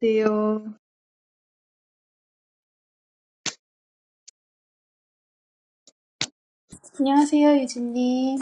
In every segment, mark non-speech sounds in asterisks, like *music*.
Still, 안녕하세요, 유진님.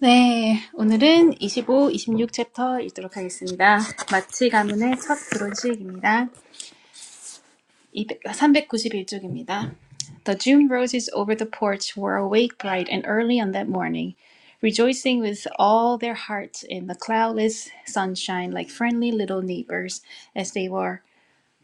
네, 오늘은 이십오, 이십육 챕터 읽도록 하겠습니다. 마치 가문의 첫 브론즈입니다. 삼백구십일 쪽입니다. The June roses over the porch were awake bright and early on that morning, rejoicing with all their hearts in the cloudless sunshine like friendly little neighbors as they were.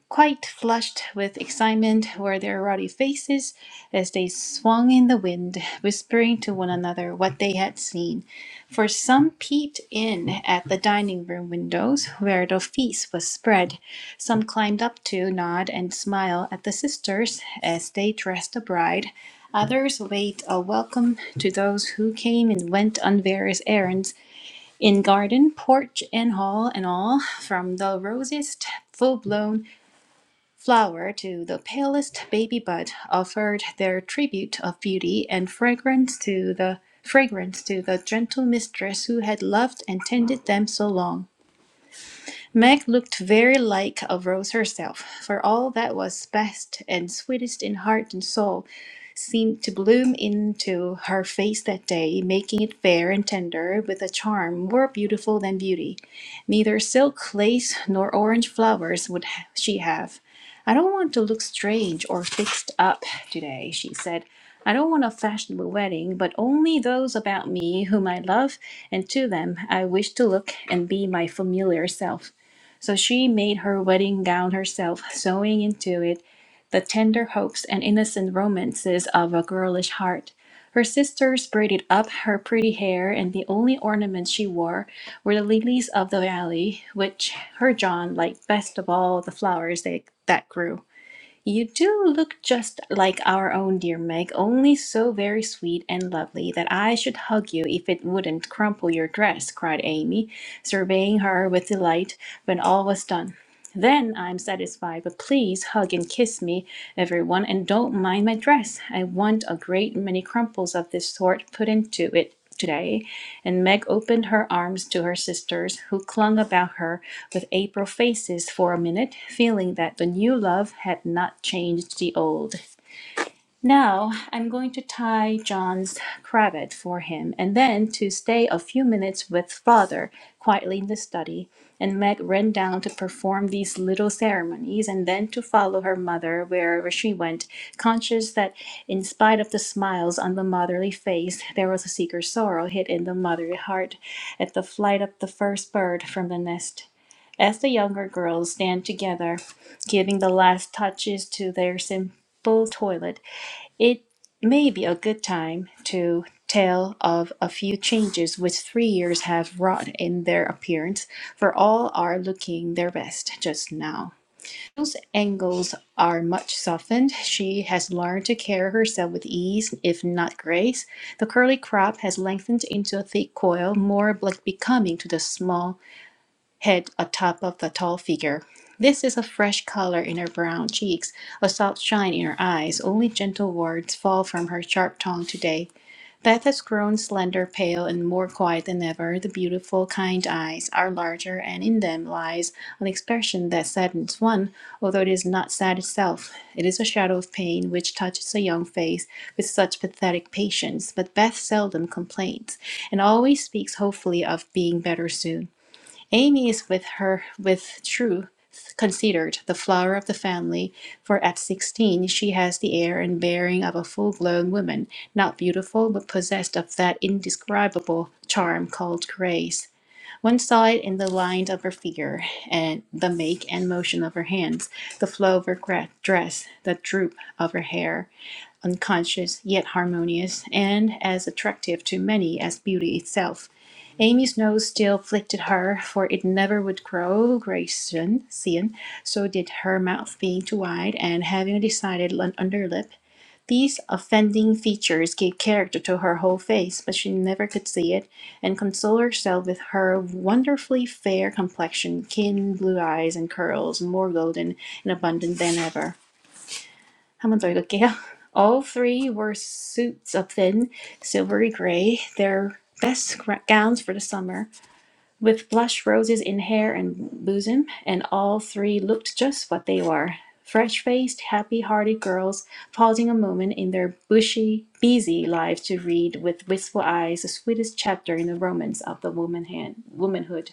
quite flushed with excitement were their ruddy faces as they swung in the wind, whispering to one another what they had seen. For some peeped in at the dining room windows where the feast was spread. Some climbed up to nod and smile at the sisters as they dressed the bride. Others waved a welcome to those who came and went on various errands in garden, porch, and hall, and all, from the rosiest, full blown flower to the palest baby bud offered their tribute of beauty and fragrance to the fragrance to the gentle mistress who had loved and tended them so long. Meg looked very like a rose herself, for all that was best and sweetest in heart and soul seemed to bloom into her face that day, making it fair and tender with a charm more beautiful than beauty. Neither silk lace nor orange flowers would ha- she have. I don't want to look strange or fixed up today, she said. I don't want a fashionable wedding, but only those about me whom I love, and to them I wish to look and be my familiar self. So she made her wedding gown herself, sewing into it the tender hopes and innocent romances of a girlish heart. Her sisters braided up her pretty hair, and the only ornaments she wore were the lilies of the valley, which her John liked best of all the flowers they, that grew. You do look just like our own dear Meg, only so very sweet and lovely that I should hug you if it wouldn't crumple your dress, cried Amy, surveying her with delight when all was done. Then I'm satisfied, but please hug and kiss me, everyone, and don't mind my dress. I want a great many crumples of this sort put into it today and Meg opened her arms to her sisters, who clung about her with April faces for a minute, feeling that the new love had not changed the old. Now I'm going to tie John's cravat for him and then to stay a few minutes with father quietly in the study. And Meg ran down to perform these little ceremonies and then to follow her mother wherever she went, conscious that in spite of the smiles on the motherly face, there was a secret sorrow hid in the motherly heart at the flight of the first bird from the nest. As the younger girls stand together, giving the last touches to their simple toilet, it may be a good time to tell of a few changes which three years have wrought in their appearance, for all are looking their best just now. Those angles are much softened. She has learned to carry herself with ease, if not grace. The curly crop has lengthened into a thick coil, more like becoming to the small head atop of the tall figure. This is a fresh color in her brown cheeks, a soft shine in her eyes. Only gentle words fall from her sharp tongue today. Beth has grown slender, pale, and more quiet than ever. The beautiful, kind eyes are larger, and in them lies an expression that saddens one, although it is not sad itself. It is a shadow of pain which touches a young face with such pathetic patience. But Beth seldom complains, and always speaks hopefully of being better soon. Amy is with her with truth considered the flower of the family, for at sixteen she has the air and bearing of a full grown woman, not beautiful but possessed of that indescribable charm called grace. One saw it in the line of her figure, and the make and motion of her hands, the flow of her dress, the droop of her hair unconscious yet harmonious, and as attractive to many as beauty itself. Amy's nose still afflicted her, for it never would grow Grayson, so did her mouth being too wide and having a decided underlip. These offending features gave character to her whole face, but she never could see it, and console herself with her wonderfully fair complexion, keen blue eyes, and curls more golden and abundant than ever. 한번더 읽을게요. All three were suits of thin, silvery gray, their best gowns for the summer, with blush roses in hair and bosom, and all three looked just what they were. Fresh faced, happy hearted girls, pausing a moment in their bushy, busy lives to read with wistful eyes the sweetest chapter in the romance of the woman hand, womanhood.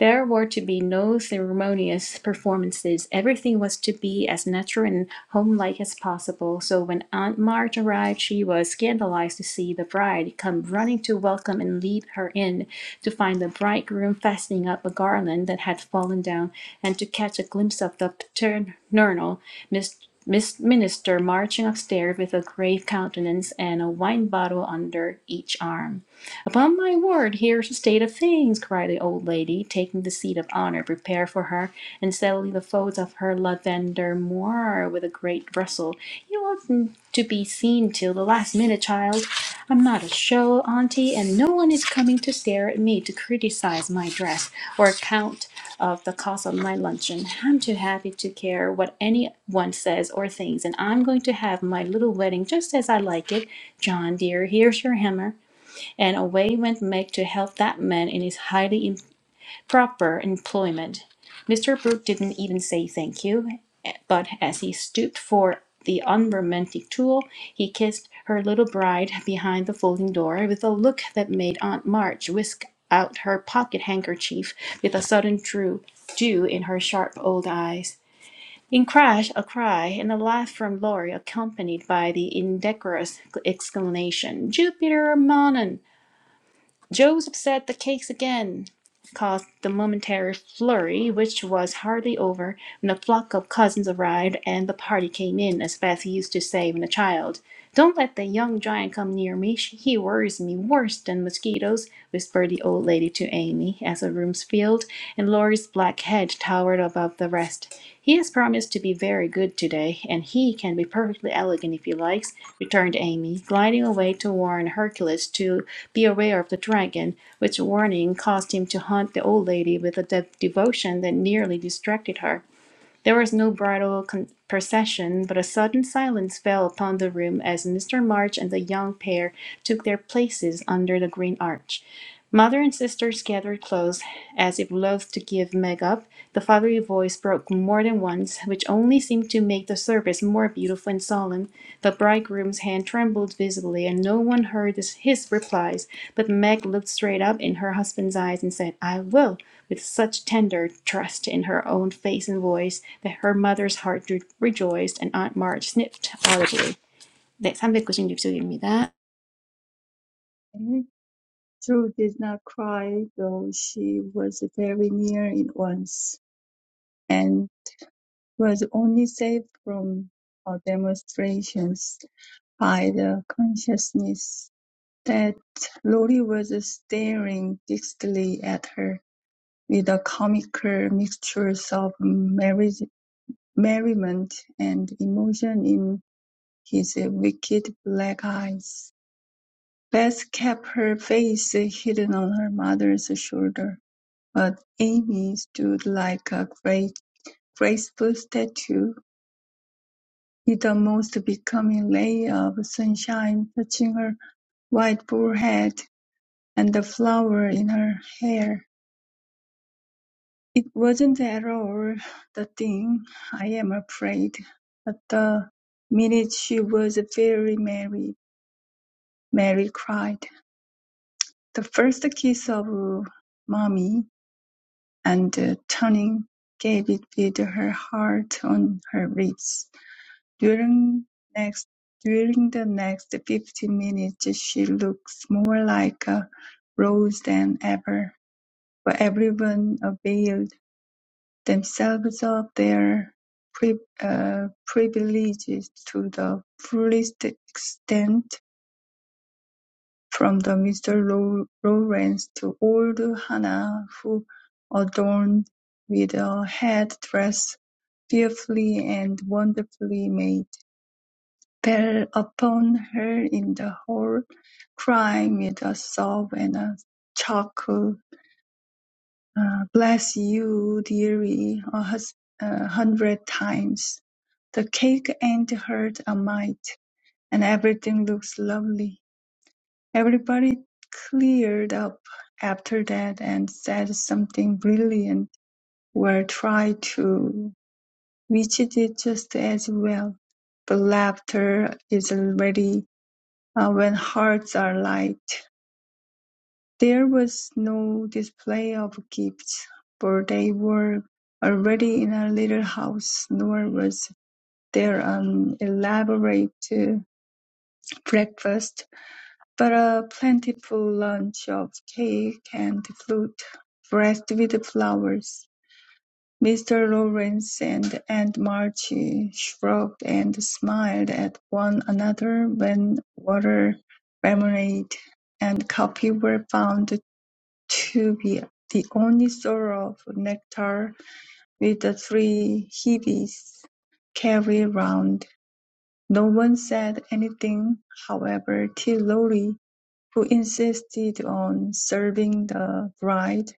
There were to be no ceremonious performances. Everything was to be as natural and homelike as possible. So when Aunt March arrived, she was scandalized to see the bride come running to welcome and lead her in, to find the bridegroom fastening up a garland that had fallen down, and to catch a glimpse of the paternal Miss, Miss Minister marching upstairs with a grave countenance and a wine bottle under each arm. Upon my word, here's the state of things, cried the old lady, taking the seat of honor prepared for her, and settling the folds of her lavender moire with a great rustle. You oughtn't to be seen till the last minute, child. I'm not a show, auntie, and no one is coming to stare at me to criticize my dress or account of the cost of my luncheon. I'm too happy to care what anyone says or thinks, and I'm going to have my little wedding just as I like it. John, dear, here's your hammer and away went Meg to help that man in his highly improper employment. Mr. Brooke didn't even say thank you, eh, but as he stooped for the unromantic tool, he kissed her little bride behind the folding door with a look that made Aunt March whisk out her pocket handkerchief with a sudden drew dew in her sharp old eyes. In crash, a cry and a laugh from Laurie, accompanied by the indecorous exclamation, "Jupiter Mammon!" Joseph set the cakes again, caused the momentary flurry, which was hardly over when a flock of cousins arrived and the party came in, as Beth used to say when a child. Don't let the young giant come near me. She- He worries me worse than mosquitoes, whispered the old lady to Amy as the room filled and Laurie's black head towered above the rest. He has promised to be very good today, and he can be perfectly elegant if he likes, returned Amy, gliding away to warn Hercules to be aware of the dragon, which warning caused him to hunt the old lady with a de- devotion that nearly distracted her. There was no bridal procession, but a sudden silence fell upon the room as Mr. March and the young pair took their places under the green arch. Mother and sisters gathered close, as if loath to give Meg up. The fatherly voice broke more than once, which only seemed to make the service more beautiful and solemn. The bridegroom's hand trembled visibly, and no one heard this- his replies. But Meg looked straight up in her husband's eyes and said, I will, with such tender trust in her own face and voice that her mother's heart re- rejoiced and Aunt March sniffed audibly. 네, 삼백구십육 쪽입니다. True did not cry, though she was very near it once, and was only saved from her demonstrations by the consciousness that Lori was staring fixedly at her with a comical mixture of merri- merriment and emotion in his wicked black eyes. Beth kept her face hidden on her mother's shoulder, but Amy stood like a great, graceful statue, with a most becoming ray of sunshine touching her white forehead and the flower in her hair. It wasn't at all the thing, I am afraid, but the minute she was very merry, Mary cried. The first kiss of mommy. and uh, turning, gave it with her heart on her lips. During next during the next fifty minutes she looked more like a rose than ever, for everyone availed themselves of their pri- uh, privileges to the fullest extent From the Mr. Lawrence to old Hannah, who, adorned with a head-dress fearfully and wonderfully made, fell upon her in the hall, crying with a sob and a chuckle, uh, "Bless you, dearie, a hus- a hundred times! The cake ain't hurt a mite, and everything looks lovely. Everybody cleared up after that and said something brilliant or tried to, which did just as well. But laughter is already uh, when hearts are light. There was no display of gifts, for they were already in a little house, nor was there an elaborate uh, breakfast But a plentiful lunch of cake and fruit, dressed with flowers. Mr. Lawrence and Aunt March shrugged and smiled at one another when water, lemonade, and coffee were found to be the only sort of nectar which the three Hebes carried round. No one said anything, however, till Lolly who insisted on serving the bride,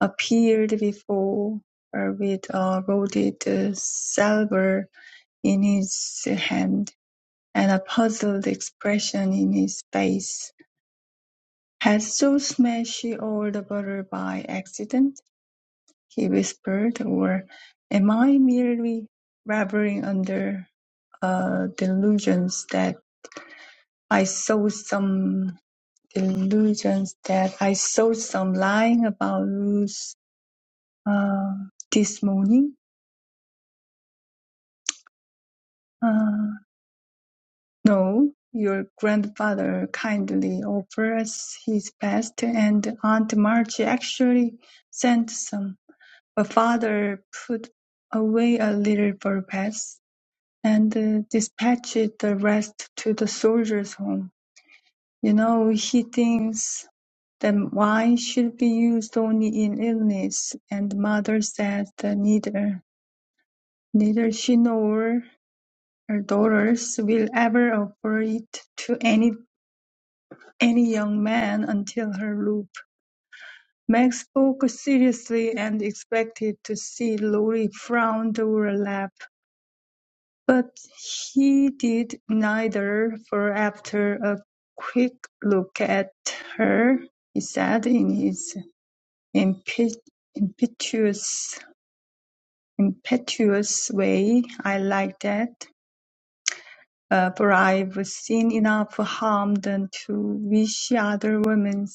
appeared before her with a loaded salver in his hand and a puzzled expression in his face. Had Saul smashed all the butter by accident? he whispered, or am I merely laboring under a delusion that I saw some delusions that I saw some lying about Ruth uh, this morning. Uh, no, your grandfather kindly offers his best, and Aunt March actually sent some. But father put away a little purpose and uh, dispatched the rest to the soldiers' home. You know, he thinks Then wine should be used only in illness, and mother said that neither neither she nor her daughters will ever offer it to any any young man until her loop. Meg spoke seriously and expected to see Lorry frown or laugh, but he did neither, for after a quick look at her, he said in his impetuous impetuous way. I like that. Uh, for I've seen enough harm done to wish other women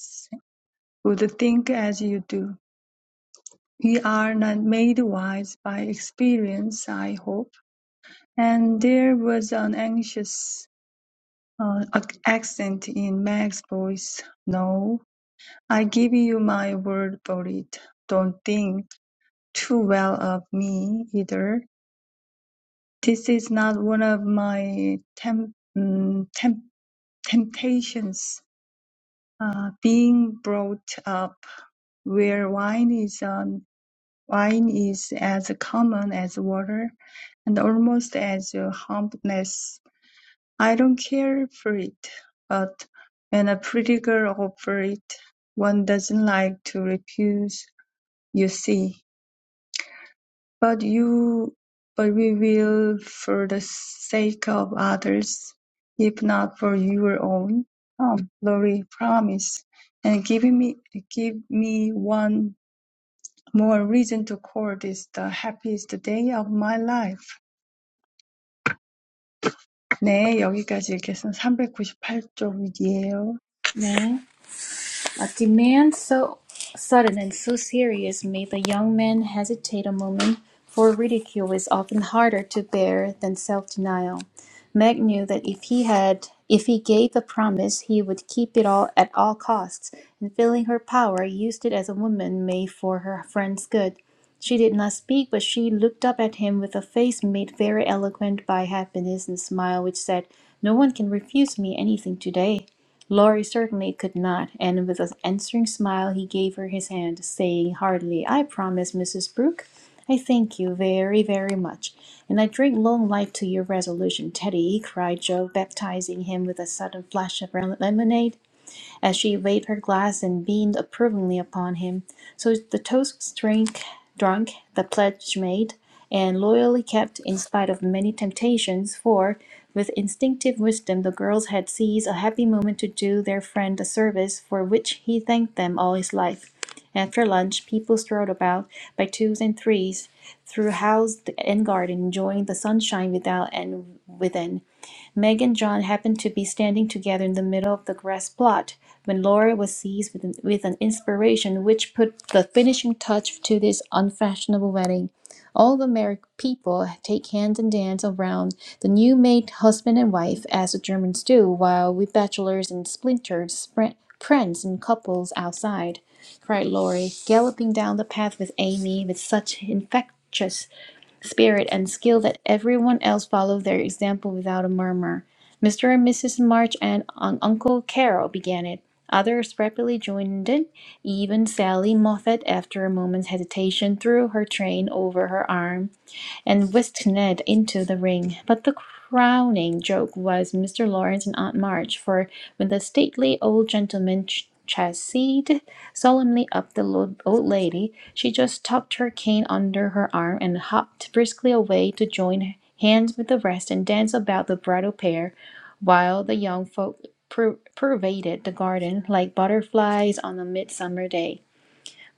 would think as you do. We are not made wise by experience, I hope. And there was an anxious uh, ac- accent in Meg's voice. No, I give you my word for it. Don't think too well of me either. This is not one of my temp- mm, temp- temptations. Uh, being brought up where wine is on, wine is as common as water, and almost as uh, harmless. I don't care for it, but when a pretty girl offers it, one doesn't like to refuse. You see. But you, but we will for the sake of others, if not for your own um, glory, promise. And give me, give me one more reason to call this the happiest day of my life. 네, 여기까지 읽겠습니다. 398쪽이에요. 네. A demand so sudden and so serious made the young man hesitate a moment, for ridicule is often harder to bear than self-denial. Meg knew that if he had, if he gave the promise, he would keep it all at all costs, and feeling her power, used it as a woman may for her friend's good. She did not speak, but she looked up at him with a face made very eloquent by happiness and smile which said, "No one can refuse me anything today." Laurie certainly could not, and with an answering smile he gave her his hand, saying heartily, "I promise, Mrs. Brooke. I thank you very, very much, and I drink long life to your resolution, Teddy," cried Joe, baptizing him with a sudden flash of lemonade as she waved her glass and beamed approvingly upon him. So the toast was drink, drunk, the pledge made, and loyally kept in spite of many temptations, for with instinctive wisdom the girls had seized a happy moment to do their friend a service for which he thanked them all his life. After lunch, people strolled about by twos and threes through house and garden, enjoying the sunshine without and within. Meg and John happened to be standing together in the middle of the grass plot when Laura was seized with an, with an inspiration which put the finishing touch to this unfashionable wedding. All the married people take hand and dance around the new made husband and wife, as the Germans do, while we bachelors and splinters spr- prance in couples outside, cried Laurie, galloping down the path with Amy with such infectious spirit and skill that everyone else followed their example without a murmur. Mr. and Mrs. March and Un- Uncle Carol began it. Others rapidly joined in. Even Sally Moffat, after a moment's hesitation, threw her train over her arm and whisked Ned into the ring. But the crowning joke was Mr. Lawrence and Aunt March, for when the stately old gentleman ch- chassied solemnly up the old lady, she just tucked her cane under her arm and hopped briskly away to join hands with the rest and dance about the bridal pair, while the young folk pur- pervaded the garden like butterflies on a midsummer day.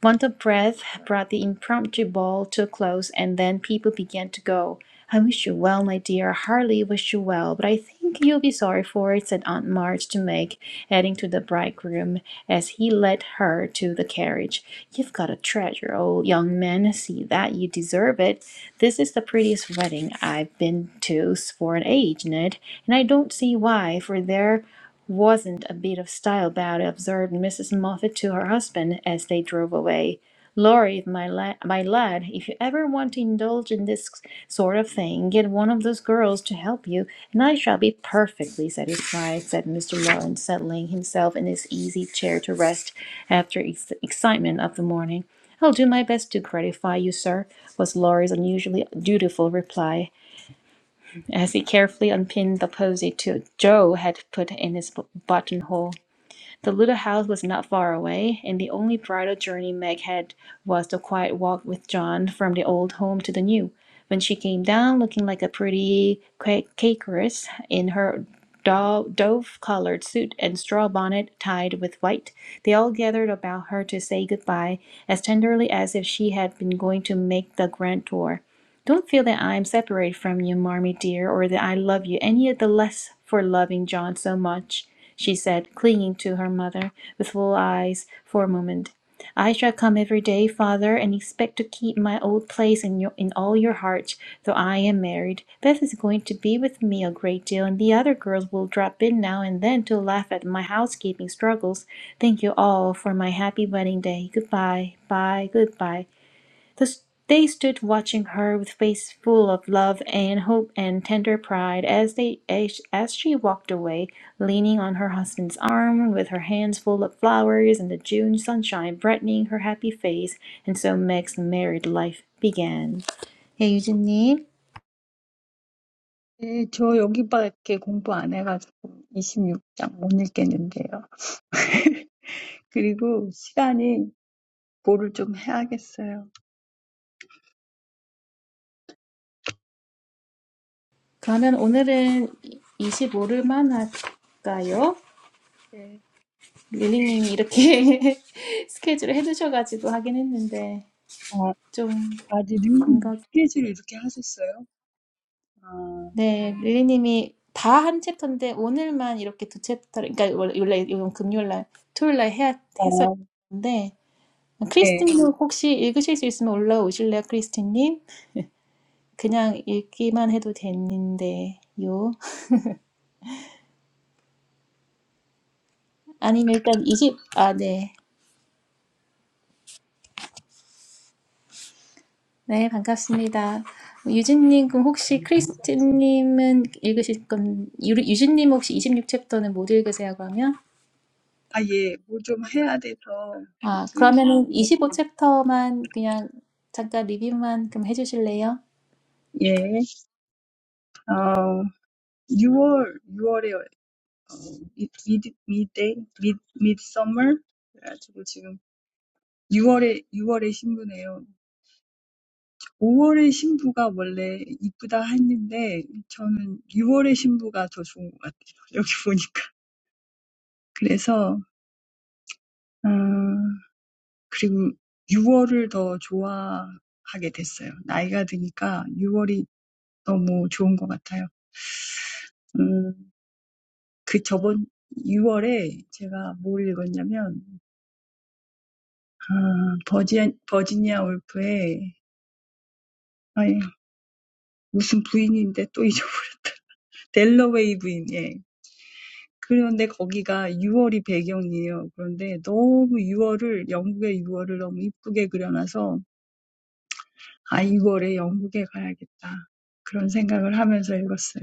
Want of Breath brought the impromptu ball to a close, and then people began to go. I wish you well, my dear. I Hardly wish you well, but I think you'll be sorry for it, said Aunt March to Meg, heading to the bridegroom as he led her to the carriage. You've got a treasure, old young man. See that you deserve it. This is the prettiest wedding I've been to for an age, Ned, and I don't see why, for there wasn't a bit of style about it, observed Mrs. Moffat to her husband as they drove away. Laurie, my, la- my lad, if you ever want to indulge in this sort of thing, get one of those girls to help you, and I shall be perfectly satisfied, said Mr. Lawrence, settling himself in his easy chair to rest after ex- excitement of the morning. I'll do my best to gratify you, sir, was Laurie's unusually dutiful reply as he carefully unpinned the posy to Joe had put in his buttonhole. The little house was not far away, and the only bridal journey Meg had was the quiet walk with John from the old home to the new. When she came down looking like a pretty ca- cakeress in her dove-colored suit and straw bonnet tied with white, they all gathered about her to say goodbye as tenderly as if she had been going to make the grand tour. Don't feel that I am separated from you, Marmy dear, or that I love you any the less for loving John so much, she said, clinging to her mother with full eyes for a moment. I shall come every day, father, and expect to keep my old place in your, in all your hearts, though I am married. Beth is going to be with me a great deal, and the other girls will drop in now and then to laugh at my housekeeping struggles. Thank you all for my happy wedding day. Goodbye, bye, goodbye. They stood watching her with face full of love and hope and tender pride as they as, she walked away, leaning on her husband's arm, with her hands full of flowers and the June sunshine brightening her happy face. And so Meg's married life began. 예, 유진님. 네, 저 여기밖에 공부 안 해가지고 26장 못 읽겠는데요. *laughs* 그리고 시간이 뭐를 좀 해야겠어요. 그러면 오늘은 25일만 할까요? 네. 릴리님이 이렇게 *laughs* 스케줄을 해두셔가지고 하긴 했는데 어, 좀 아직 아디님이 스케줄이 이렇게 하셨어요? 아, 네, 릴리님이 다 한 챕터인데 오늘만 이렇게 두 챕터, 그러니까 원래 원래 이건 금요일날, 토요일날 해야 아, 해서 했는데 예. 크리스틴님 혹시 읽으실 수 있으면 올라오실래요, 크리스틴님? 그냥 읽기만 해도 되는데요. 아니면 일단 이십 아, 네. 네, 반갑습니다. 유진님, 그럼 혹시 크리스틴님은 읽으실 건, 유- 유진님 혹시 이십육 챕터는 못 읽으세요, 그러면? 아, 예. 뭐좀 해야 돼서, 아, 그, 그러면은 25챕터만 그냥 잠깐 리뷰만 좀 해주실래요? 예. 어, 6월, 6월에 미- 미드, 미데이, 미, 미드서머? 그래가지고 지금 6월에, 6월에 신부네요. 5월에 신부가 원래 이쁘다 했는데, 저는 6월에 신부가 더 좋은 것 같아요. 여기 보니까. 그래서, 그리고 6월을 더 좋아하게 됐어요. 나이가 드니까 6월이 너무 좋은 것 같아요. 음, 그 저번 6월에 제가 뭘 읽었냐면, 아, 버지, 버지니아 울프의, 아니, 무슨 부인인데 또 잊어버려. *laughs* 델러웨이 부인, 예. 그런데 거기가 6월이 배경이에요. 그런데 너무 6월을, 영국의 6월을 너무 이쁘게 그려놔서, 아, 6월에 영국에 가야겠다. 그런 생각을 하면서 읽었어요.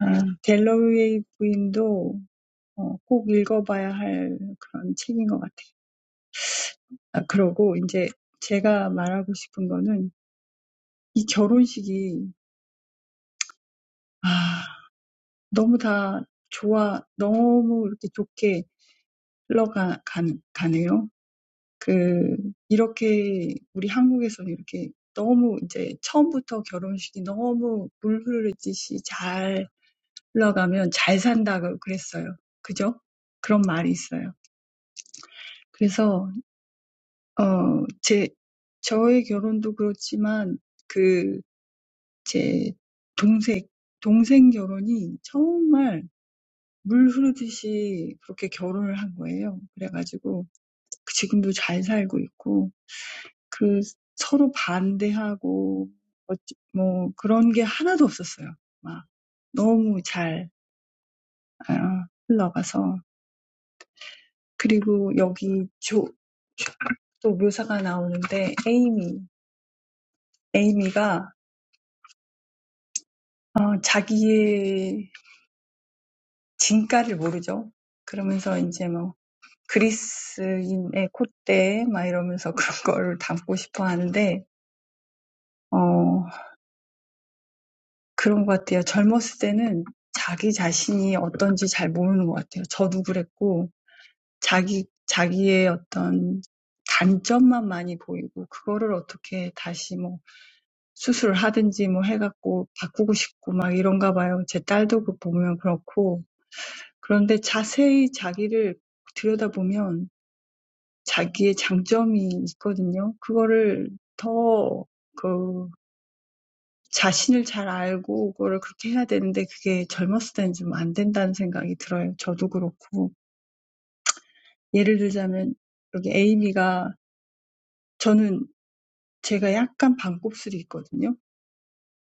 Delaware's wife is also a book that must be read. Ah, and now what I want to say is that this wedding is too good, too well flowing. That, like this, in our Korea, like this, too, from the beginning, the wedding is too smooth, well flowing, and if it flows well, it's a good life, right? There's such a saying. So. 어, 제, 저의 결혼도 그렇지만, 그, 제 동생, 동생 결혼이 정말 물 흐르듯이 그렇게 결혼을 한 거예요. 그래가지고, 지금도 잘 살고 있고, 그, 서로 반대하고, 어찌- 뭐, 그런 게 하나도 없었어요. 막, 너무 잘, 아, 흘러가서. 그리고 여기 조, 또 묘사가 나오는데, 에이미, 에이미가 어, 자기의 진가를 모르죠. 그러면서 이제 뭐 그리스인의 콧대 막 이러면서 *laughs* 그런 거를 담고 싶어 하는데 어, 그런 것 같아요. 젊었을 때는 자기 자신이 어떤지 잘 모르는 것 같아요. 저도 그랬고 자기 자기의 어떤 단점만 많이 보이고 그거를 어떻게 다시 뭐 수술을 하든지 뭐 해갖고 바꾸고 싶고 막 이런가 봐요. 제 딸도 그 보면 그렇고 그런데 자세히 자기를 들여다보면 자기의 장점이 있거든요. 그거를 더 그 자신을 잘 알고 그거를 그렇게 해야 되는데 그게 젊었을 때는 좀안 된다는 생각이 들어요. 저도 그렇고. 예를 들자면 여기 에이미가 저는 제가 약간 반곱슬이 있거든요.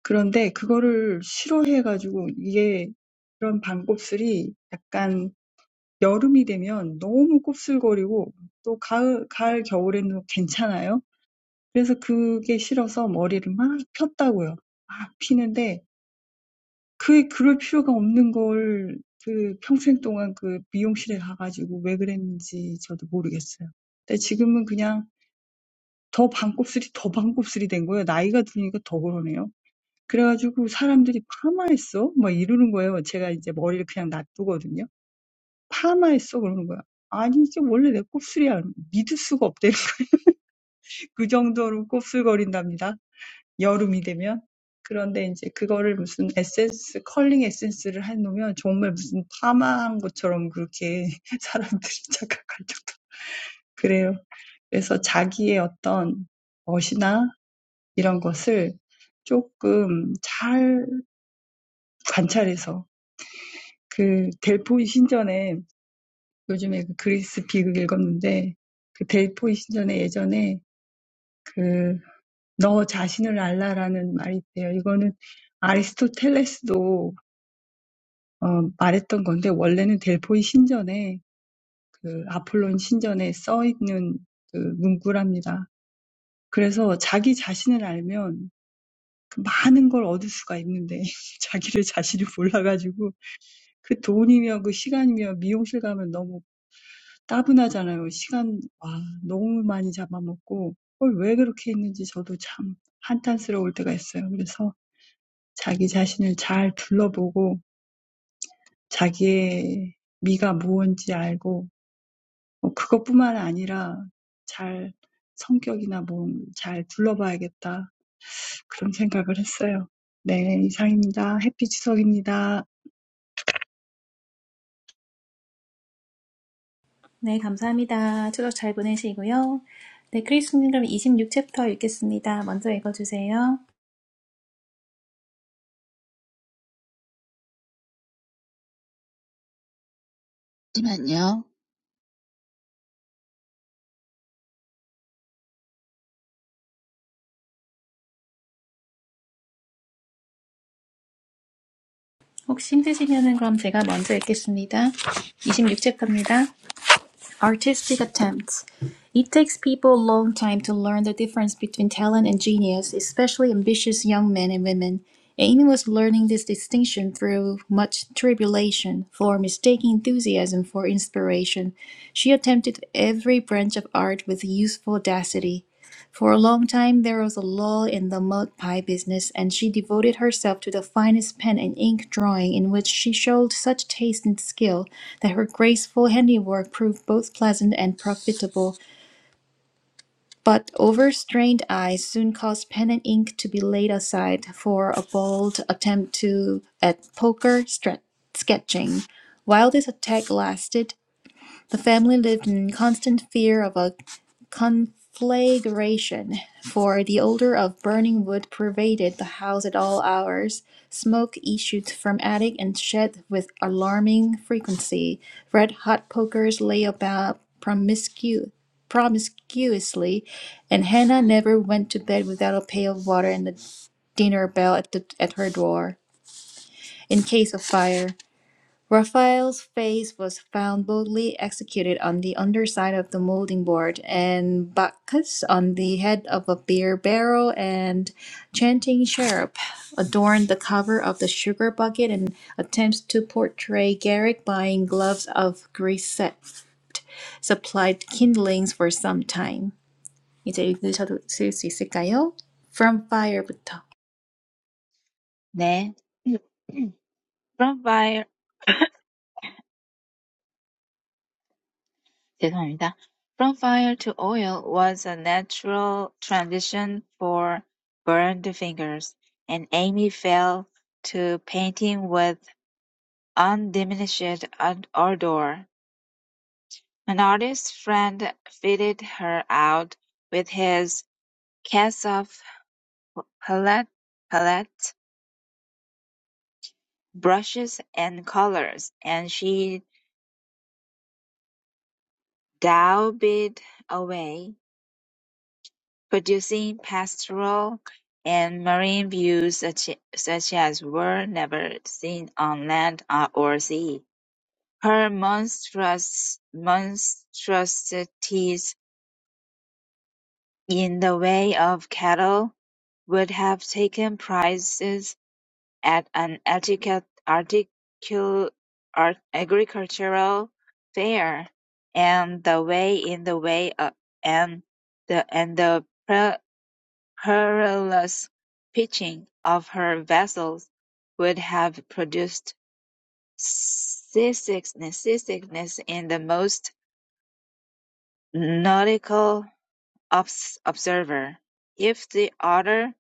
그런데 그거를 싫어해가지고 이게 그런 반곱슬이 약간 여름이 되면 너무 곱슬거리고 또 가을, 가을, 겨울에는 괜찮아요. 그래서 그게 싫어서 머리를 막 폈다고요. 막 피는데 그 그럴 필요가 없는 걸그 평생 동안 그 미용실에 가가지고 왜 그랬는지 저도 모르겠어요. 근데 지금은 그냥 더 반곱슬이 더 반곱슬이 된 거예요. 나이가 드니까 더 그러네요. 그래가지고 사람들이 파마했어? 막 이러는 거예요. 제가 이제 머리를 그냥 놔두거든요. 파마했어 그러는 거야. 아니 이게 원래 내 곱슬이야. 믿을 수가 없대. *laughs* 그 정도로 곱슬거린답니다. 여름이 되면. 그런데 이제 그거를 무슨 에센스, 컬링 에센스를 해놓으면 정말 무슨 파마한 것처럼 그렇게 *laughs* 사람들이 착각할 정도. 그래요. 그래서 자기의 어떤 멋이나 이런 것을 조금 잘 관찰해서 그 델포이 신전에 요즘에 그 그리스 비극 읽었는데 그 델포이 신전에 예전에 그, 너 자신을 알라라는 말이 있대요. 이거는 아리스토텔레스도 어, 말했던 건데, 원래는 델포이 신전에, 그, 아폴론 신전에 써 있는 그 문구랍니다. 그래서 자기 자신을 알면 그 많은 걸 얻을 수가 있는데, *laughs* 자기를 자신을 몰라가지고, 그 돈이며 그 시간이며 미용실 가면 너무 따분하잖아요. 시간, 와, 너무 많이 잡아먹고, 그걸 왜 그렇게 했는지 저도 참 한탄스러울 때가 있어요. 그래서 자기 자신을 잘 둘러보고 자기의 미가 무언지 알고 뭐 그것뿐만 아니라 잘 성격이나 몸잘 둘러봐야겠다 그런 생각을 했어요. 네, 이상입니다. 해피 추석입니다. 네, 감사합니다. 추석 잘 보내시고요. 네, 크리스님 그럼 26챕터 읽겠습니다. 먼저 읽어주세요. 잠시만요. 혹시 힘드시면은 그럼 제가 먼저 읽겠습니다. 26챕터입니다. Artistic attempts. It takes people a long time to learn the difference between talent and genius, especially ambitious young men and women. Aim was learning this distinction through much tribulation, for mistaking enthusiasm for inspiration. She attempted every branch of art with youthful audacity. For a long time, there was a lull in the mud pie business, and she devoted herself to the finest pen and ink drawing, in which she showed such taste and skill that her graceful handiwork proved both pleasant and profitable. But overstrained eyes soon caused pen and ink to be laid aside for a bold attempt to at poker stre- sketching. While this attack lasted, the family lived in constant fear of a conflagration, for the odor of burning wood pervaded the house at all hours. Smoke issued from attic and shed with alarming frequency. Red hot pokers lay about promiscu- promiscuously, and Hannah never went to bed without a pail of water and a dinner bell at, the, at her door in case of fire. Raphael's face was found boldly executed on the underside of the moulding board, and Bacchus on the head of a beer barrel, and chanting cherub adorned the cover of the sugar bucket and attempts to portray Garrick buying gloves of grease supplied kindlings for some time. 이제 읽으셔도 수 있을까요? From fire부터. 네. *clears throat* From fire, 죄송합니다. From fire to oil was a natural transition for burned fingers, and Amy fell to painting with undiminished ad- ardor. An artist friend fitted her out with his cast of palette, palette, brushes, and colors, and she daubed away producing pastoral and marine views such such as were never seen on land or sea. Her monstrous monstrosities in the way of cattle would have taken prizes at an artica- articul- art- agricultural fair, and the way in the way of, and the and the Careless pitching of her vessels would have produced seasickness in the most nautical observer, if the utter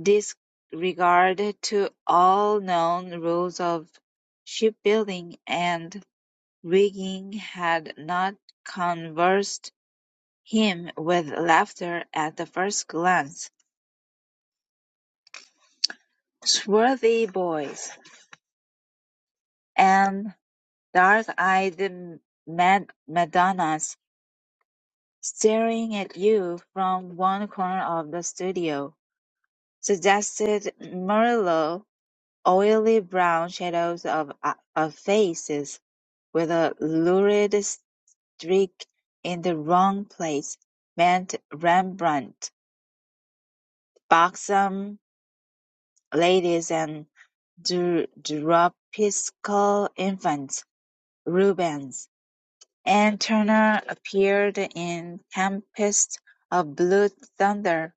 disregard to all known rules of shipbuilding and rigging had not conversed him with laughter at the first glance. "Swarthy boys!" and dark-eyed mad- Madonnas staring at you from one corner of the studio, suggested Murillo, oily brown shadows of, uh, of faces with a lurid streak in the wrong place, meant Rembrandt, buxom ladies and dr- dropsical infants, Rubens. And Turner appeared in "Tempest of Blue Thunder",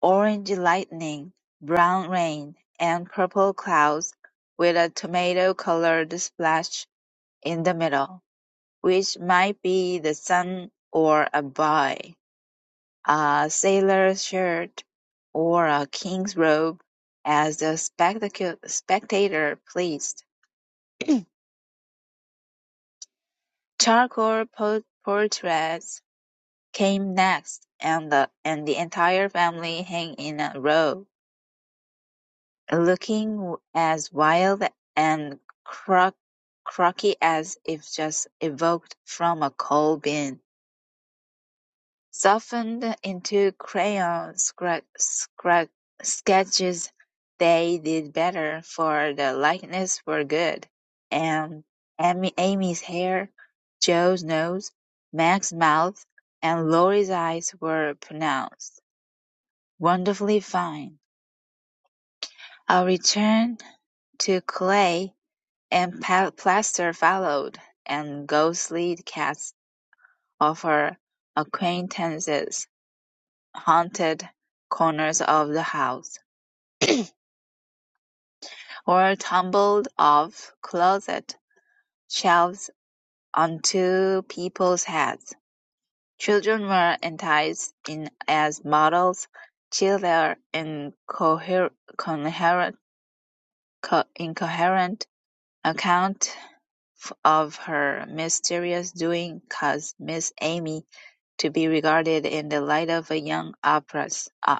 "Orange Lightning", "Brown Rain", and "Purple Clouds", with a tomato-colored splash in the middle, which might be the sun or a boy, a sailor's shirt, or a king's robe, as the spectacu- spectator pleased. Charcoal po- portraits came next, and the and the entire family hung in a row, looking as wild and crook, croaky as if just evoked from a coal bin, softened into crayon scra- scra- sketches. They did better, for the likeness were good, and Amy, Amy's hair, Joe's nose, Mac's mouth, and Laurie's eyes were pronounced. Wonderfully fine. Our return to clay and plaster followed, and ghostly cats of her acquaintances haunted corners of the house, or tumbled off closet shelves onto people's heads. Children were enticed in as models, till their incoher- incoherent account of her mysterious doing caused Miss Amy to be regarded in the light of a young ogress. uh,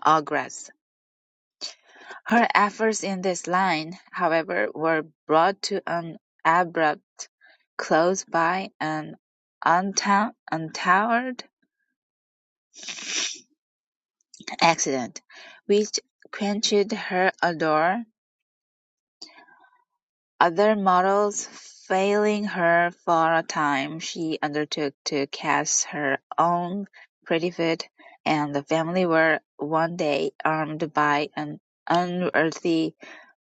Her efforts in this line, however, were brought to an abrupt close by an unta- untoward accident, which quenched her ardor Other models failing her for a time, she undertook to cast her own Prettyfoot, and the family were one day armed by an unearthly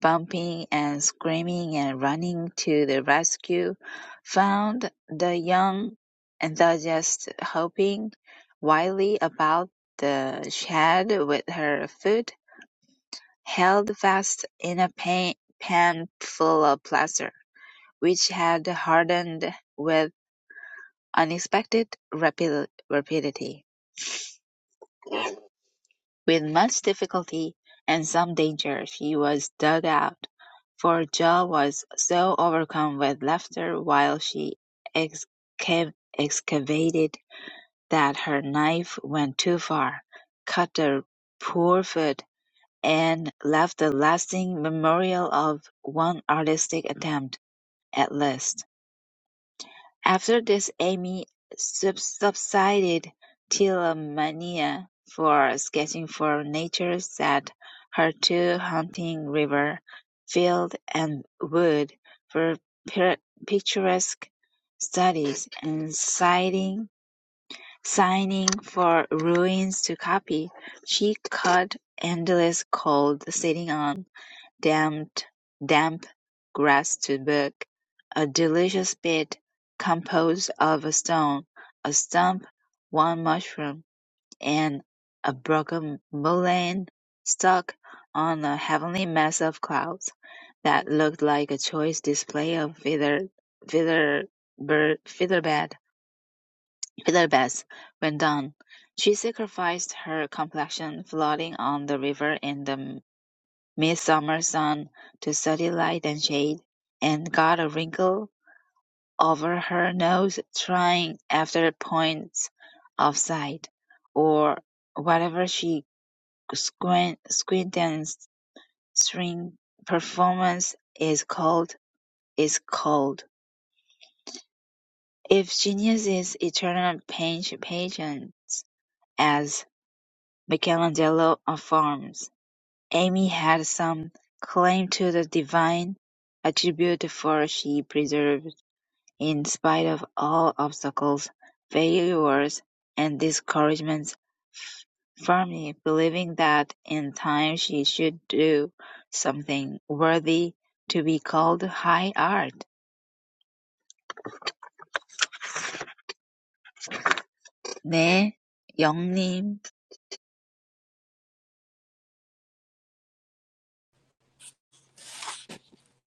bumping and screaming and running to the rescue, found the young enthusiast hopping wildly about the shed with her foot held fast in a pan full of plaster which had hardened with unexpected rapid rapidity. With much difficulty and some danger she was dug out, for Joe was so overcome with laughter while she exca- excavated that her knife went too far, cut her poor foot, and left a lasting memorial of one artistic attempt, at least. After this Amy subsided till a mania for sketching for nature set her to hunting river, field, and wood for picturesque studies, and signing signing for ruins to copy. She caught endless cold sitting on Damp, damp grass to book, a delicious bed composed of a stone, a stump, one mushroom, and a broken mullein stuck on a heavenly mass of clouds, that looked like a choice display of feather feather bird feather bed, feather beds. when done. She sacrificed her complexion, floating on the river in the Midsummer Sun to study light and shade, and got a wrinkle over her nose trying after points of sight, or whatever she squint, squint and string performance is called is called. If genius is eternal patience, as Michelangelo affirms, Amy had some claim to the divine attribute for she persevered in spite of all obstacles, failures and discouragements, firmly believing that in time she should do something worthy to be called high art. 네, 영림.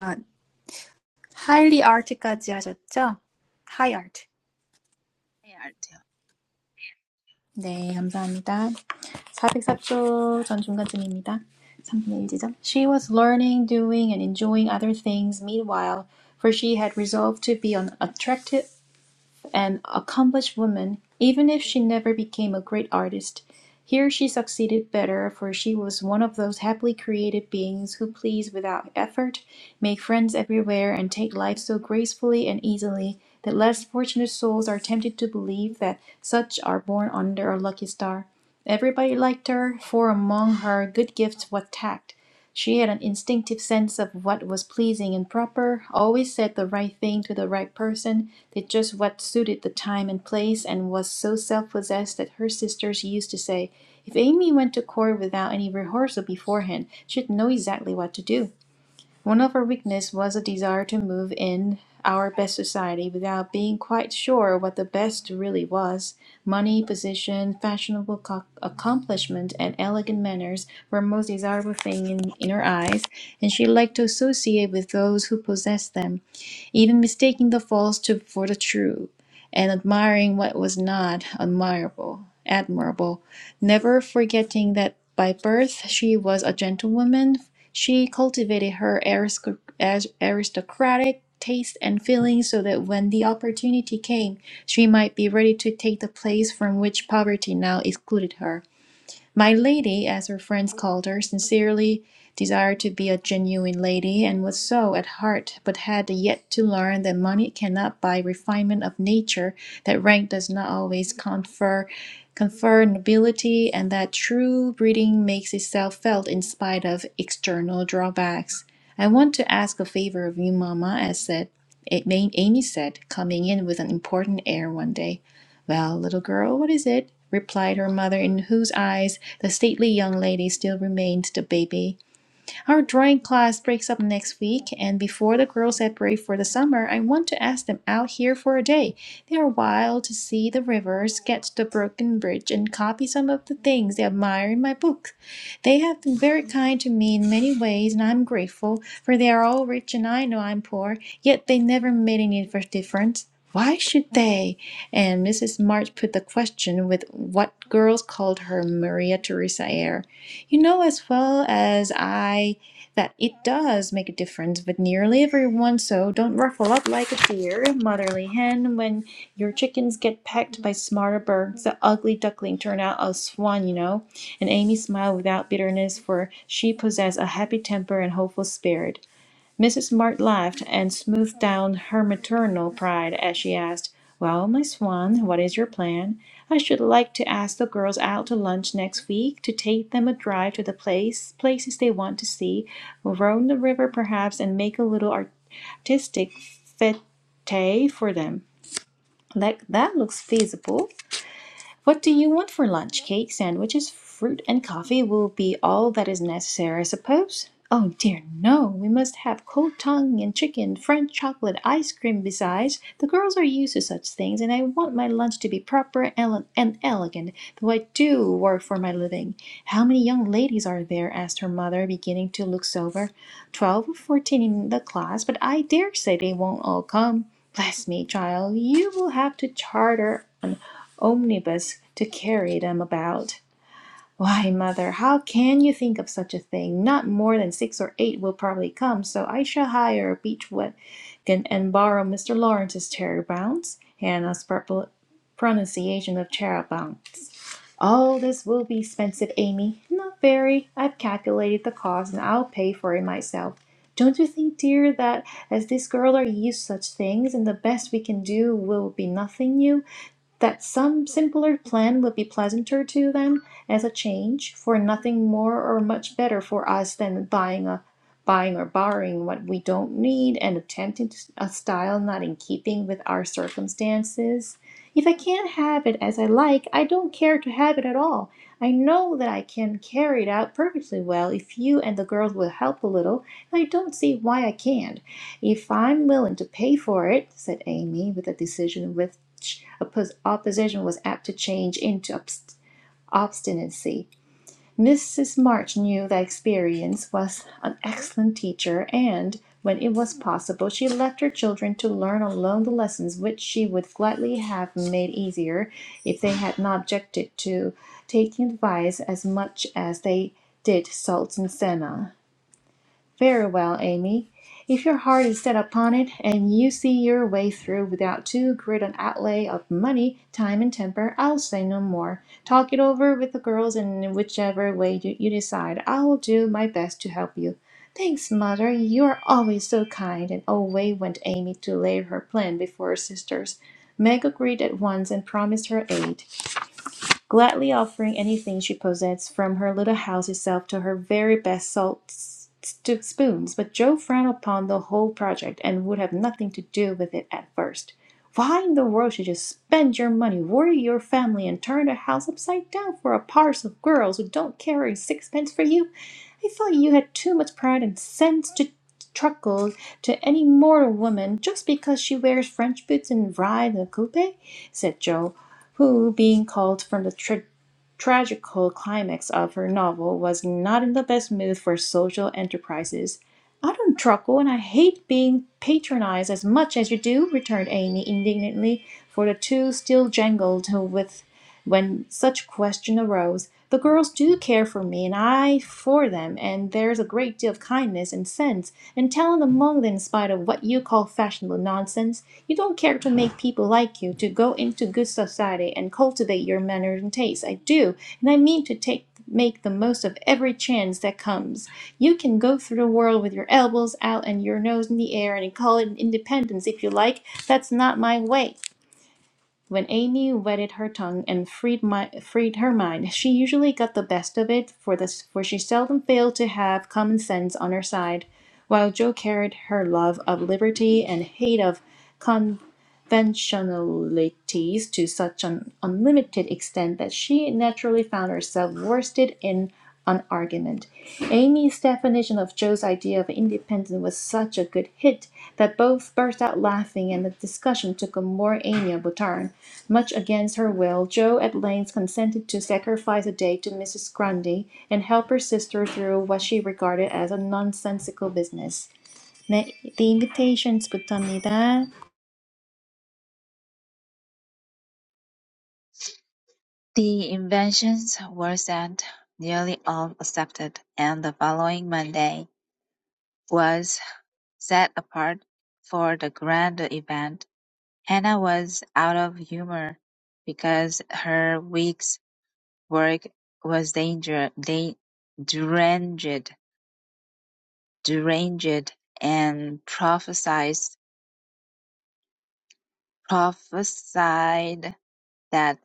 아, highly art까지 하셨죠? High art. 네, 감사합니다. 404쪽 전 중간쯤입니다. 3분의 1 지점. She was learning, doing, and enjoying other things meanwhile, for she had resolved to be an attractive, an accomplished woman, even if she never became a great artist. Here she succeeded better, for she was one of those happily created beings who please without effort, make friends everywhere, and take life so gracefully and easily that less fortunate souls are tempted to believe that such are born under a lucky star. Everybody liked her, for among her good gifts was tact. She had an instinctive sense of what was pleasing and proper, always said the right thing to the right person, did just what suited the time and place, and was so self possessed that her sisters used to say, If Amy went to court without any rehearsal beforehand, she'd know exactly what to do. One of our weaknesses was a desire to move in our best society without being quite sure what the best really was. Money, position, fashionable co- accomplishment, and elegant manners were most desirable things in, in her eyes, and she liked to associate with those who possessed them, even mistaking the false to, for the true, and admiring what was not admirable, admirable. Never forgetting that by birth she was a gentlewoman, she cultivated her arisco- as- aristocratic taste and feelings so that when the opportunity came, she might be ready to take the place from which poverty now excluded her. My lady, as her friends called her, sincerely desired to be a genuine lady, and was so at heart, but had yet to learn that money cannot buy refinement of nature, that rank does not always confer confer nobility, and that true breeding makes itself felt in spite of external drawbacks. I want to ask a favor of you, Mama," as said Amy said, coming in with an important air one day. Well, little girl, what is it? replied her mother, in whose eyes the stately young lady still remained the baby. Our drawing class breaks up next week, and before the girls separate for the summer, I want to ask them out here for a day. They are wild to see the rivers, sketch the broken bridge, and copy some of the things they admire in my book. They have been very kind to me in many ways, and I'm grateful, for they are all rich and I know I'm poor, yet they never made any difference. Why should they? And Mrs. March put the question with what girls called her Maria Theresa air. You know as well as I that it does make a difference but nearly everyone, so don't ruffle up like a dear motherly hen when your chickens get pecked by smarter birds. The ugly duckling turned out a swan, you know. And Amy smiled without bitterness, for she possessed a happy temper and hopeful spirit. Mrs. Mart laughed and smoothed down her maternal pride as she asked, "Well, my swan, what is your plan? I should like to ask the girls out to lunch next week, to take them a drive to the place places they want to see, roam the river perhaps, and make a little artistic fete for them. That that looks feasible. What do you want for lunch? Cake, sandwiches, fruit, and coffee will be all that is necessary, I suppose? Oh dear, no! We must have cold tongue and chicken, French chocolate, ice cream besides. The girls are used to such things, and I want my lunch to be proper ele- and elegant, though I do work for my living. How many young ladies are there? asked her mother, beginning to look sober. Twelve or fourteen in the class, but I dare say they won't all come. Bless me, child, you will have to charter. an omnibus to carry them about. Why, mother, how can you think of such a thing? Not more than six or eight will probably come, so I shall hire a beach wagon and borrow Mr. Lawrence's cherry bounce, Hannah's propo- pronunciation of charabounce. All this will be expensive, Amy. Not very. I've calculated the cost, and I'll pay for it myself. Don't you think, dear, that as this girl are used to such things, and the best we can do will be nothing new? that some simpler plan would be pleasanter to them as a change, for nothing more or much better for us than buying a buying or borrowing what we don't need and attempting a style not in keeping with our circumstances. If I can't have it as I like, I don't care to have it at all. I know that I can carry it out perfectly well if you and the girls will help a little, and I don't see why I can't. "If I'm willing to pay for it," said Amy, with a decision which opposition was apt to change into obst obstinacy. Mrs. March knew that experience was an excellent teacher, and, when it was possible, she left her children to learn alone the lessons which she would gladly have made easier if they had not objected to taking advice as much as they did salt and senna. Very well, Amy. If your heart is set upon it, and you see your way through without too great an outlay of money, time, and temper, I'll say no more. Talk it over with the girls, and in whichever way you, you decide, I will do my best to help you. Thanks, mother. You are always so kind. And away went Amy to lay her plan before her sisters. Meg agreed at once and promised her aid gladly offering anything she possessed, from her little house itself to her very best salt spoons. But Joe frowned upon the whole project, and would have nothing to do with it at first. Why in the world should you spend your money, worry your family, and turn the house upside down for a parcel of girls who don't care a sixpence for you? I thought you had too much pride and sense to truckle to any mortal woman just because she wears French boots and rides in a coupe, said Joe who, being called from the tra- tragical climax of her novel, was not in the best mood for social enterprises. I don't truckle, and I hate being patronized as much as you do, returned Amy indignantly, for the two still jangled with when such question arose, the girls do care for me and I for them, and there's a great deal of kindness and sense and talent among them in spite of what you call fashionable nonsense. You don't care to make *sighs* people like you, to go into good society and cultivate your manners and tastes. I do, and I mean to take make the most of every chance that comes. You can go through the world with your elbows out and your nose in the air and call it independence if you like. That's not my way. When Amy wetted her tongue and freed my freed her mind, she usually got the best of it, for this for she seldom failed to have common sense on her side, while Joe carried her love of liberty and hate of con conventionalities to such an unlimited extent that she naturally found herself worsted in an argument. Amy's definition of Joe's idea of independence was such a good hit that both burst out laughing and the discussion took a more amiable turn. Much against her will, Joe at length consented to sacrifice a day to Mrs. Grundy and help her sister through what she regarded as a nonsensical business. 네, the invitations 부터입니다. The inventions were sent, nearly all accepted, and the following Monday was Set apart for the grand event, Hannah was out of humor because her week's work was danger- da- deranged, deranged, and prophesied, prophesied that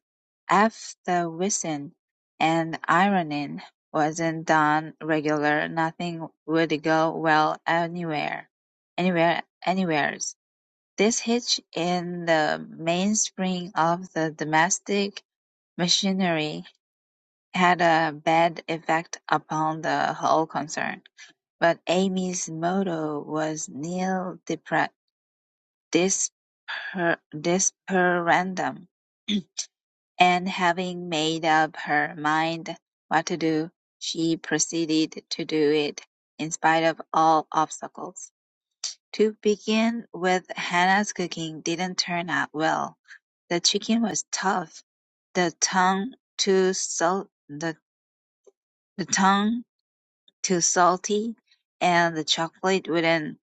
after whistling and ironing wasn't done regular, nothing would go well anywhere, anywhere, anywheres. This hitch in the mainspring of the domestic machinery had a bad effect upon the whole concern, but Amy's motto was nil depra- disperandum, and having made up her mind what to do, she proceeded to do it in spite of all obstacles. To begin with Hannah's cooking didn't turn out well. The chicken was tough, the tongue too salt the, the tongue too salty, and the chocolate wouldn't *coughs*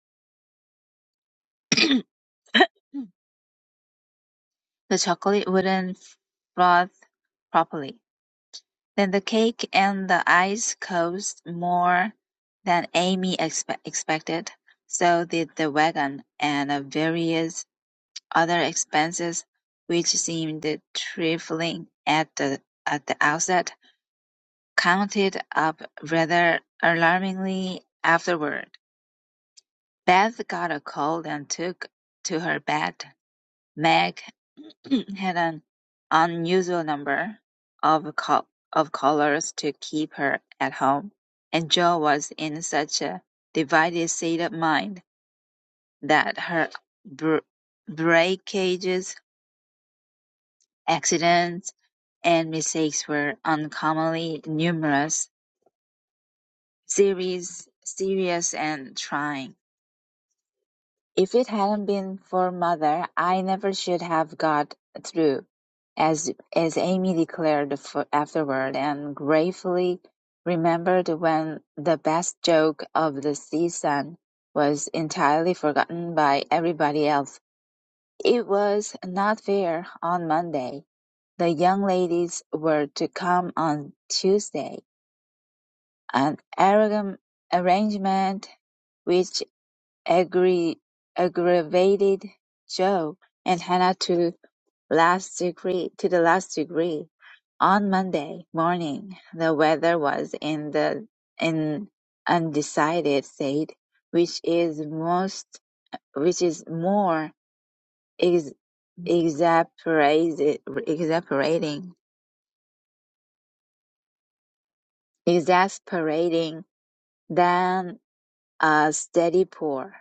*clears throat* the chocolate wouldn't froth properly. Then the cake and the ice cost more than Amy expe- expected. So did the wagon and a various Other expenses, which seemed trifling at the at the outset, counted up rather alarmingly afterward. Beth got a cold and took to her bed. Meg *clears throat* had an unusual number of co- of callers to keep her at home, and Jo was in such a divided state of mind that her br- breakages Accidents and mistakes were uncommonly numerous, serious, serious and trying. If it hadn't been for mother, I never should have got through, as as Amy declared for afterward, and gratefully remembered when the best joke of the season was entirely forgotten by everybody else. It was not fair on Monday. The young ladies were to come on Tuesday, an arrogant arrangement which aggra- aggravated Jo and Hannah to last degree to the last degree. On Monday morning the weather was in the in undecided state, which is most which is more ex, exasperated- exasperating exasperating Then a steady pour.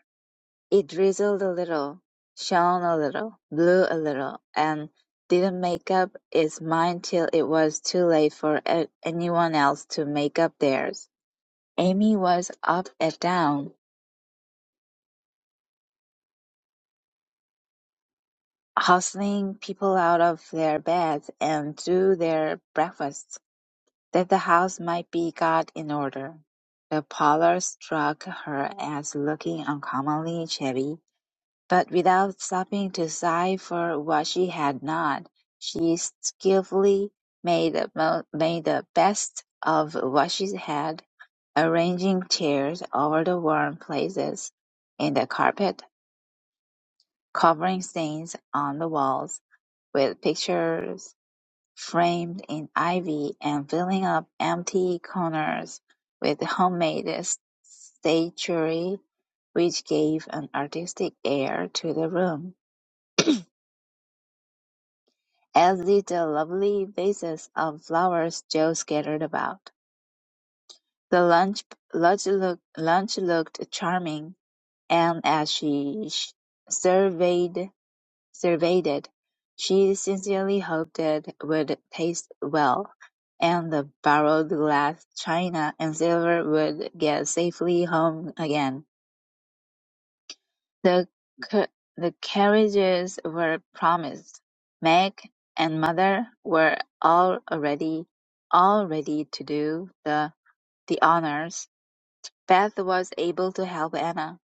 It drizzled a little, shone a little, blew a little, and didn't make up its mind till it was too late for a- anyone else to make up theirs. Amy was up and down, hustling people out of their beds and to their breakfasts, that the house might be got in order. The parlour struck her as looking uncommonly shabby But without stopping to sigh for what she had not, she skilfully made the mo- made the best of what she had, arranging chairs over the worn places in the carpet, covering stains on the walls with pictures framed in ivy, and filling up empty corners with homemade s- statuary, which gave an artistic air to the room. As did the lovely vases of flowers Joe scattered about. The lunch lunch look- lunch looked charming, and as she sh- surveyed surveyed it, she sincerely hoped it would taste well, and the borrowed glass china and silver would get safely home again. The ca- the carriages were promised; Meg and mother were all already all ready to do the the honours; Beth was able to help Anna.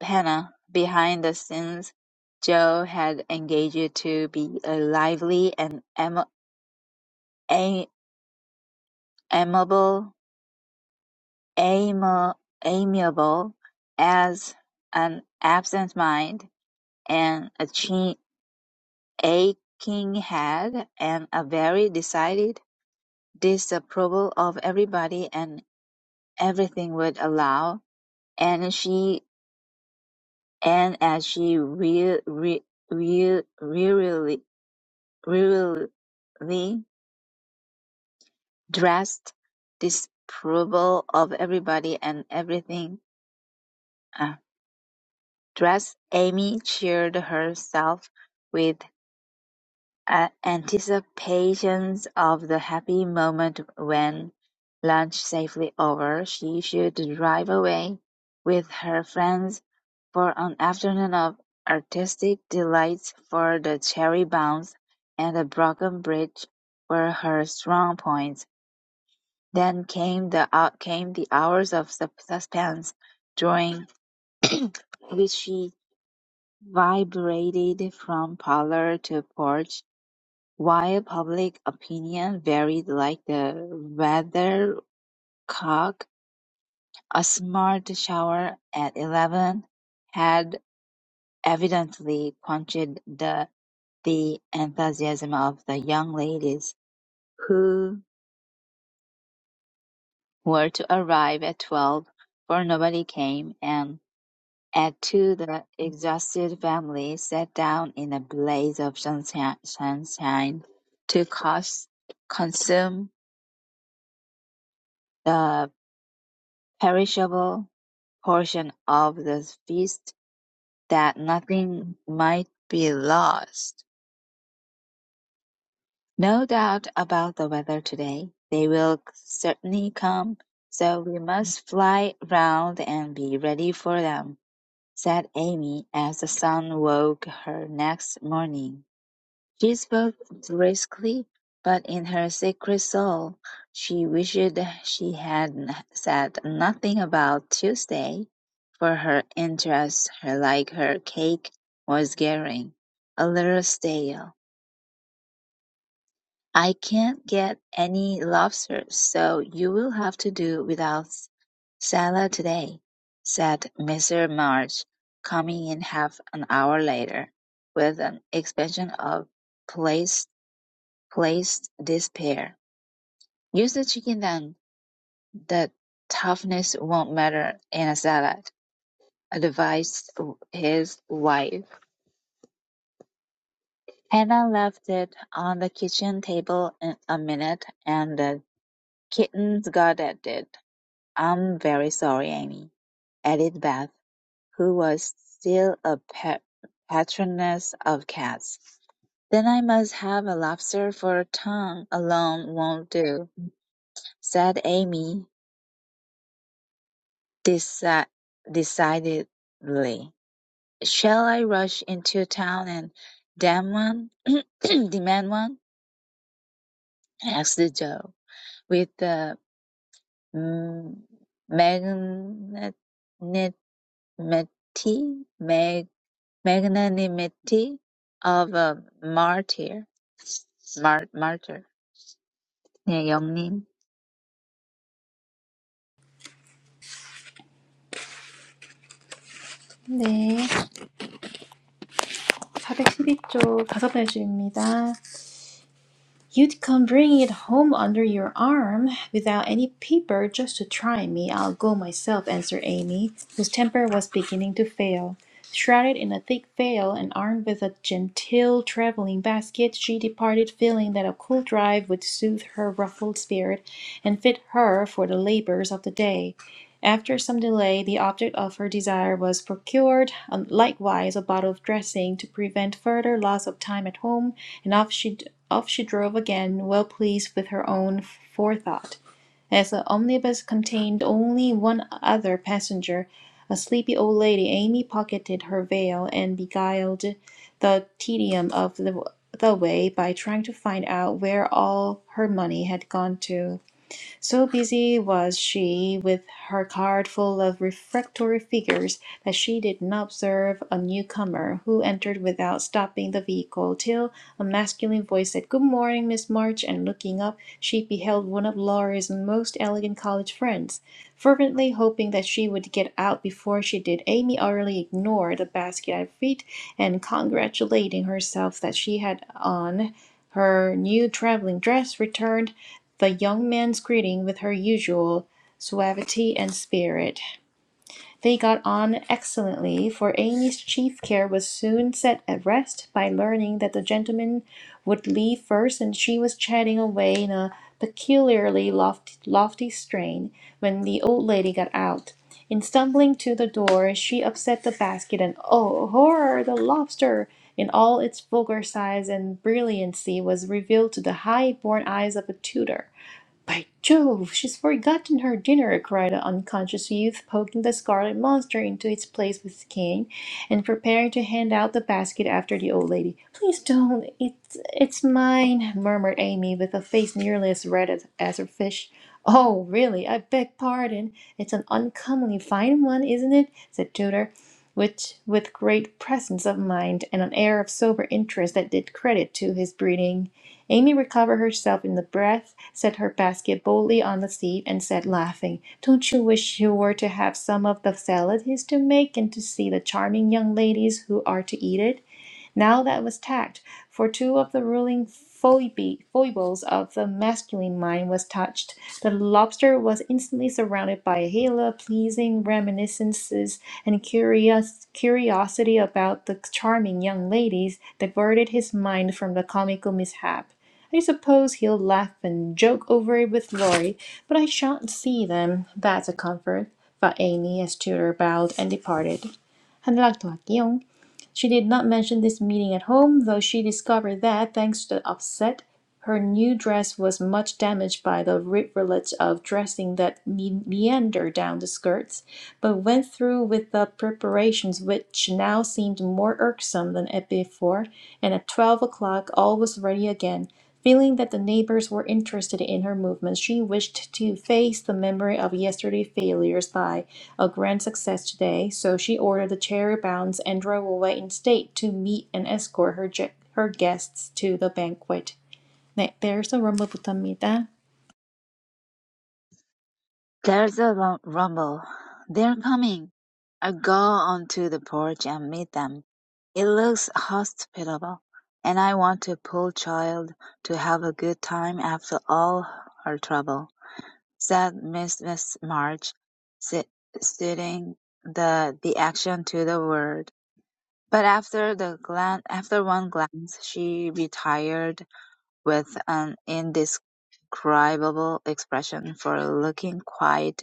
Hannah behind the scenes; Joe had engaged to be a lively and am a- amiable ami- amiable as an absent mind, and a chin. Aching head and a very decided disapproval of everybody and everything would allow, and she and as she re, re, re, really, really dressed disapproval of everybody and everything uh, dressed, Amy cheered herself with. anticipations of the happy moment when, lunch safely over, she should drive away with her friends for an afternoon of artistic delights for the cherry bounce and the broken bridge were her strong points. Then came the out came the hours of sus- suspense, during *clears throat* which she vibrated from parlor to porch while public opinion varied like the weathercock, a smart shower at eleven had evidently quenched the the enthusiasm of the young ladies who were to arrive at twelve, for nobody came, and at two the exhausted family sat down in a blaze of sunshine sunshine to cons- consume the perishable portion of the feast that nothing might be lost. No doubt about the weather today. They will certainly come, so we must fly round and be ready for them, said Amy as the sun woke her next morning. She spoke briskly, but in her secret soul she wished she had n- said nothing about Tuesday, for her interest, her like her cake, was getting a little stale. I can't get any lobster, so you will have to do without s- salad today, said Mr. March, coming in half an hour later, with an expansion of place Place this pair. Use the chicken then. The toughness won't matter in a salad, advised his wife. Hannah left it on the kitchen table in a minute, and the kittens got at it. I'm very sorry, Amy, added Beth, who was still a pet patroness of cats. Then I must have a lobster for a tongue alone won't do, said Amy. deci- decidedly. Shall I rush into town and demand one? *clears throat* demand one? asked Joe, with the mm, magnanimity, mag, magnanimity of a martyr. Mar, martyr. 네, 영님. 네. 412쪽 다섯 번째 줄입니다. You'd come bring it home under your arm without any paper just to try me. I'll go myself, answered Amy, whose temper was beginning to fail. Shrouded in a thick veil and armed with a genteel traveling basket, she departed feeling that a cool drive would soothe her ruffled spirit and fit her for the labors of the day. After some delay, the object of her desire was procured, um, likewise a bottle of dressing, to prevent further loss of time at home, and off she off she drove again, well pleased with her own forethought. As the omnibus contained only one other passenger, a sleepy old lady, Amy pocketed her veil, and beguiled the tedium of the the way by trying to find out where all her money had gone to. So busy was she with her card full of refractory figures that she did not observe a newcomer who entered without stopping the vehicle till a masculine voice said, Good morning, Miss March, and looking up, she beheld one of Laurie's most elegant college friends. Fervently hoping that she would get out before she did, Amy utterly ignored the basket at her feet and congratulating herself that she had on her new traveling dress returned the young man's greeting with her usual suavity and spirit. They got on excellently, for Amy's chief care was soon set at rest by learning that the gentleman would leave first, and she was chatting away in a peculiarly lofty, lofty strain when the old lady got out. In stumbling to the door, she upset the basket, and oh, horror! The lobster, in all its vulgar size and brilliancy, was revealed to the high born eyes of a Tudor. By Jove, she's forgotten her dinner, cried the unconscious youth, poking the scarlet monster into its place with his cane, and preparing to hand out the basket after the old lady. Please don't, it's, it's mine, murmured Amy, with a face nearly as red as, as her fish. Oh, really, I beg pardon. It's an uncommonly fine one, isn't it? said Tudor, which, with great presence of mind and an air of sober interest that did credit to his breeding. Amy recovered herself in a breath, set her basket boldly on the seat, and said, laughing, "Don't you wish you were to have some of the salad he's to make, and to see the charming young ladies who are to eat it? Now that was tact, for two of the ruling foibles of the masculine mind was touched. The lobster was instantly surrounded by a halo of pleasing reminiscences, and curious curiosity about the charming young ladies diverted his mind from the comical mishap. I suppose he'll laugh and joke over it with Laurie, but I shan't see them. That's a comfort. Thought Amy as Tudor bowed and departed. 한락더 할게요. She did not mention this meeting at home, though she discovered that, thanks to the upset, her new dress was much damaged by the rivulet of dressing that me- meandered down the skirts, but went through with the preparations which now seemed more irksome than before, and at twelve o'clock all was ready again, Feeling that the neighbors were interested in her movements, she wished to face the memory of yesterday's failures by a grand success today, so she ordered the chariot bounds and drove away in state to meet and escort her, ge- her guests to the banquet. 네, there's a rumble부터입니다. There's a rum- rumble. They're coming. I go onto the porch and meet them. It looks hospitable, and I want to pull child to have a good time after all her trouble, said Mrs. March, sit, suiting the, the action to the word. But after the glan- after one glance, she retired with an indis indescribable expression for looking quite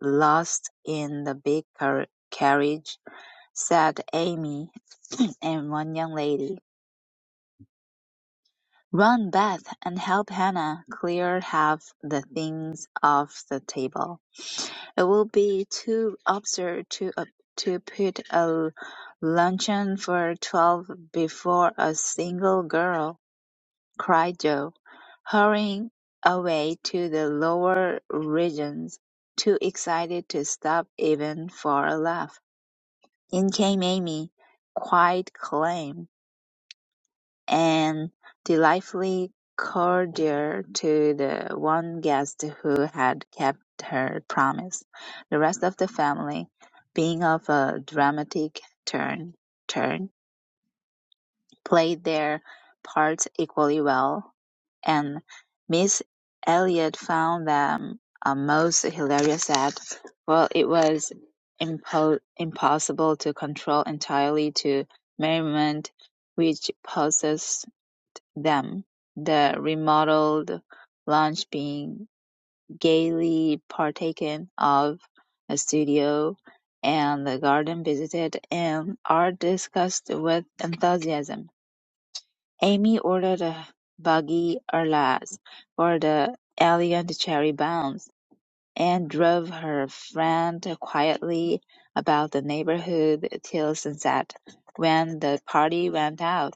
lost in the big car- carriage," said Amy *clears throat* and one young lady. "Run, Beth, and help Hannah clear half the things off the table. It will be too absurd to uh, to put a luncheon for twelve before a single girl. cried Joe, hurrying away to the lower regions, too excited to stop even for a laugh. In came Amy, quite calm and delightfully cordial to the one guest who had kept her promise, the rest of the family being of a dramatic turn. turn. played their parts equally well, and Miss Elliot found them a most hilarious set, for it was impo- impossible to control entirely to merriment which possessed them, the remodeled lunch being gaily partaken of, a studio and the garden visited and art discussed with enthusiasm. Amy ordered a buggy "Atlas" for the alien cherry bombs, and drove her friend quietly about the neighborhood till sunset, when the party went out.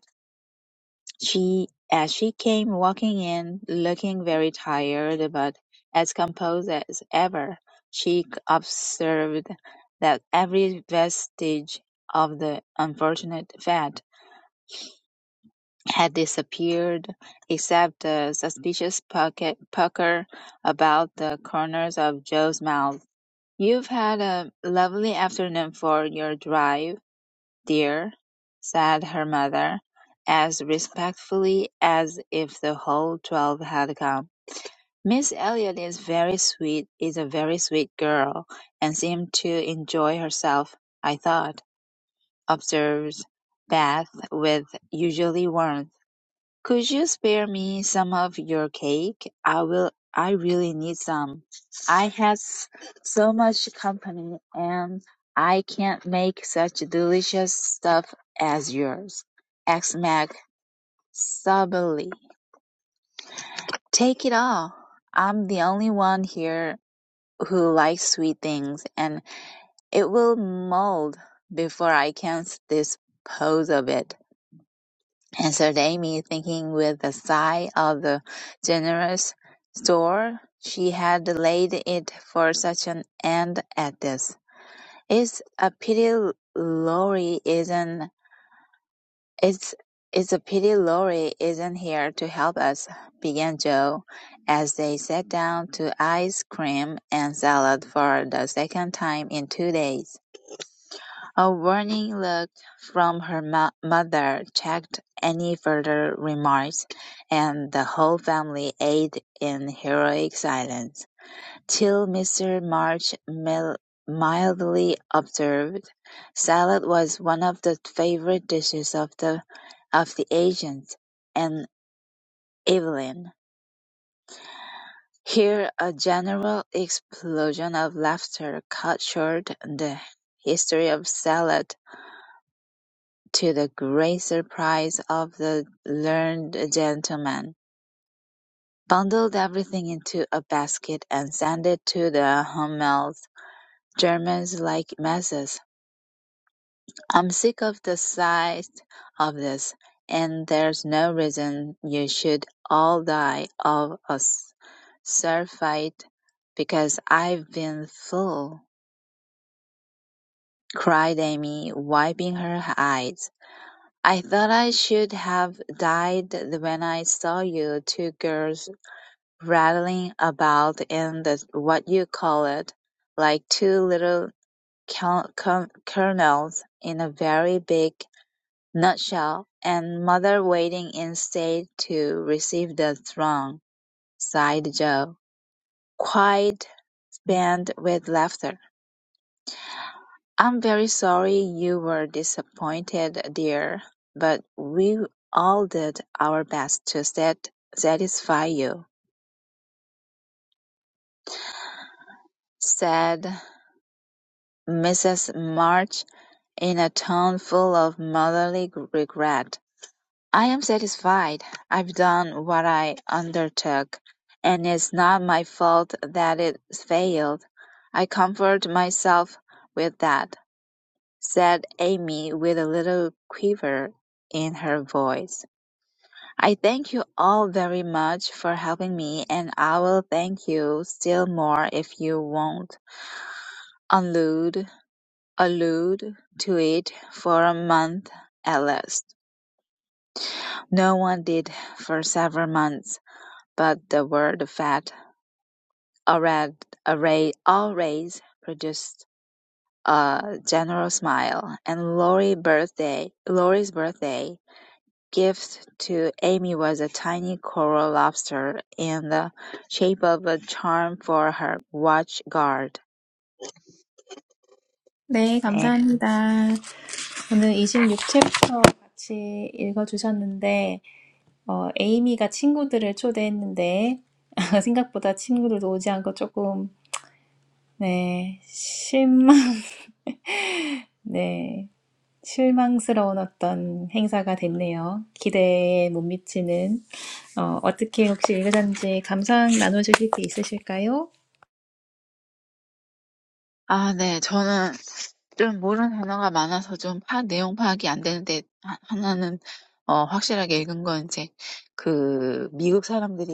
She as she came walking in, looking very tired but as composed as ever, she observed that every vestige of the unfortunate fete had disappeared, except a suspicious pocket pucker about the corners of Joe's mouth. "You've had a lovely afternoon for your drive, dear," said her mother, as respectfully as if the whole twelve had come. "Miss Elliot is very sweet, is a very sweet girl, and seemed to enjoy herself, I thought," observed Beth with usually warmth. Could you spare me some of your cake? I will I really need some. I had s- so much company and I can't make such delicious stuff as yours. asked Mac soberly. Take it all. I'm the only one here who likes sweet things and it will mold before I can s- dispose of it. answered Amy, thinking with a sigh of the generous store she had laid it for such an end at this. It's a pity Laurie isn't. It's it's a pity Laurie isn't here to help us, began Joe, as they sat down to ice cream and salad for the second time in two days. A warning look from her mo- mother checked any further remarks, and the whole family ate in heroic silence, till Mr. March mil- mildly observed, "Salad was one of the favorite dishes of the of the agents and Evelyn." Here a general explosion of laughter cut short the history of Salad To the great surprise of the learned gentleman, bundled everything into a basket and sent it to the Hummels. Germans like messes. I'm sick of the sight of this, and there's no reason you should all die of a surfeit because I've been full," cried Amy, wiping her eyes. I thought I should have died when I saw you two girls rattling about in the what-you-call-it, like two little col- col- colonels in a very big nutshell, and mother waiting in state to receive the throne, sighed Joe. quite spent with laughter. I'm very sorry you were disappointed, dear, but we all did our best to sat- satisfy you, said Mrs. March in a tone full of motherly g- regret. I am satisfied. I've done what I undertook, and it's not my fault that it failed. I comfort myself with that, said Amy with a little quiver in her voice. I thank you all very much for helping me, and I will thank you still more if you won't allude, allude to it for a month at least. No one did for several months, but the word fat already, always produced a general smile, and Lori birthday, Lori's birthday gift to Amy was a tiny coral lobster in the shape of a charm for her watch guard. 네, 감사합니다. 오늘 이십육 챕터 같이 읽어주셨는데, 어, 에이미가 친구들을 초대했는데, *laughs* 생각보다 친구들도 오지 않고 조금 네, 실망, *laughs* 네, 실망스러운 어떤 행사가 됐네요. 기대에 못 미치는, 어, 어떻게 혹시 읽으셨는지 감상 나눠주실 게 있으실까요? 아 네. 저는 좀 모르는 단어가 많아서 좀 파악 내용 파악이 안 되는데 하 하나는 어 확실하게 읽은 건 이제 그 미국 사람들이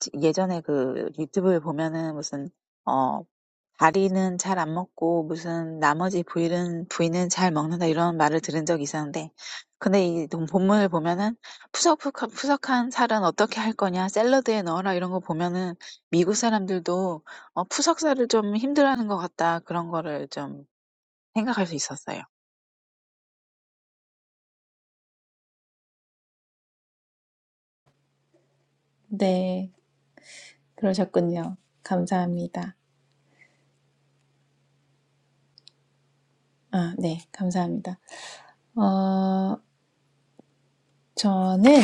지 예전에 그 유튜브에 보면은 무슨 어 "다리는 잘 안 먹고 무슨 나머지 부위는 부위는 잘 먹는다." 이런 말을 들은 적이 있었는데 근데 이동 본문을 보면은 "푸석푸석 푸석한 살은 어떻게 할 거냐? 샐러드에 넣어라." 이런 거 보면은 미국 사람들도 어 푸석사를 좀 힘들어하는 것 같다. 그런 거를 좀 생각할 수 있었어요. 네, 그러셨군요. 감사합니다. 아, 네, 감사합니다. 어, 저는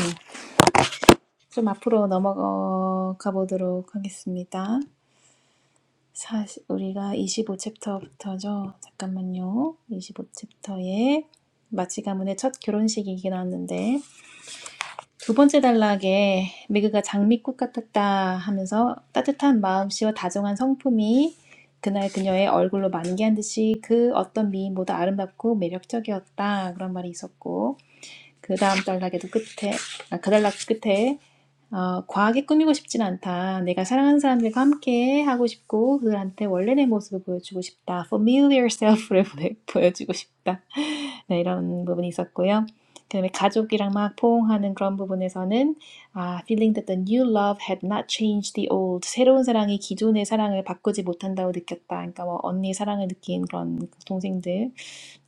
좀 앞으로 넘어가 보도록 하겠습니다. 사시, 우리가 이십오 챕터부터죠. 잠깐만요. 25챕터에 마치 가문의 첫 결혼식이긴 하는데 두 번째 단락에 매그가 장미꽃 같았다 하면서 따뜻한 마음씨와 다정한 성품이 그날 그녀의 얼굴로 만개한 듯이 그 어떤 미인보다 아름답고 매력적이었다 그런 말이 있었고 그 다음 단락에도 끝에 아, 그 단락 끝에 Oh, over-grooming. I don't want to. I want to be with my loved ones. I want to show them my true self. I want to show them my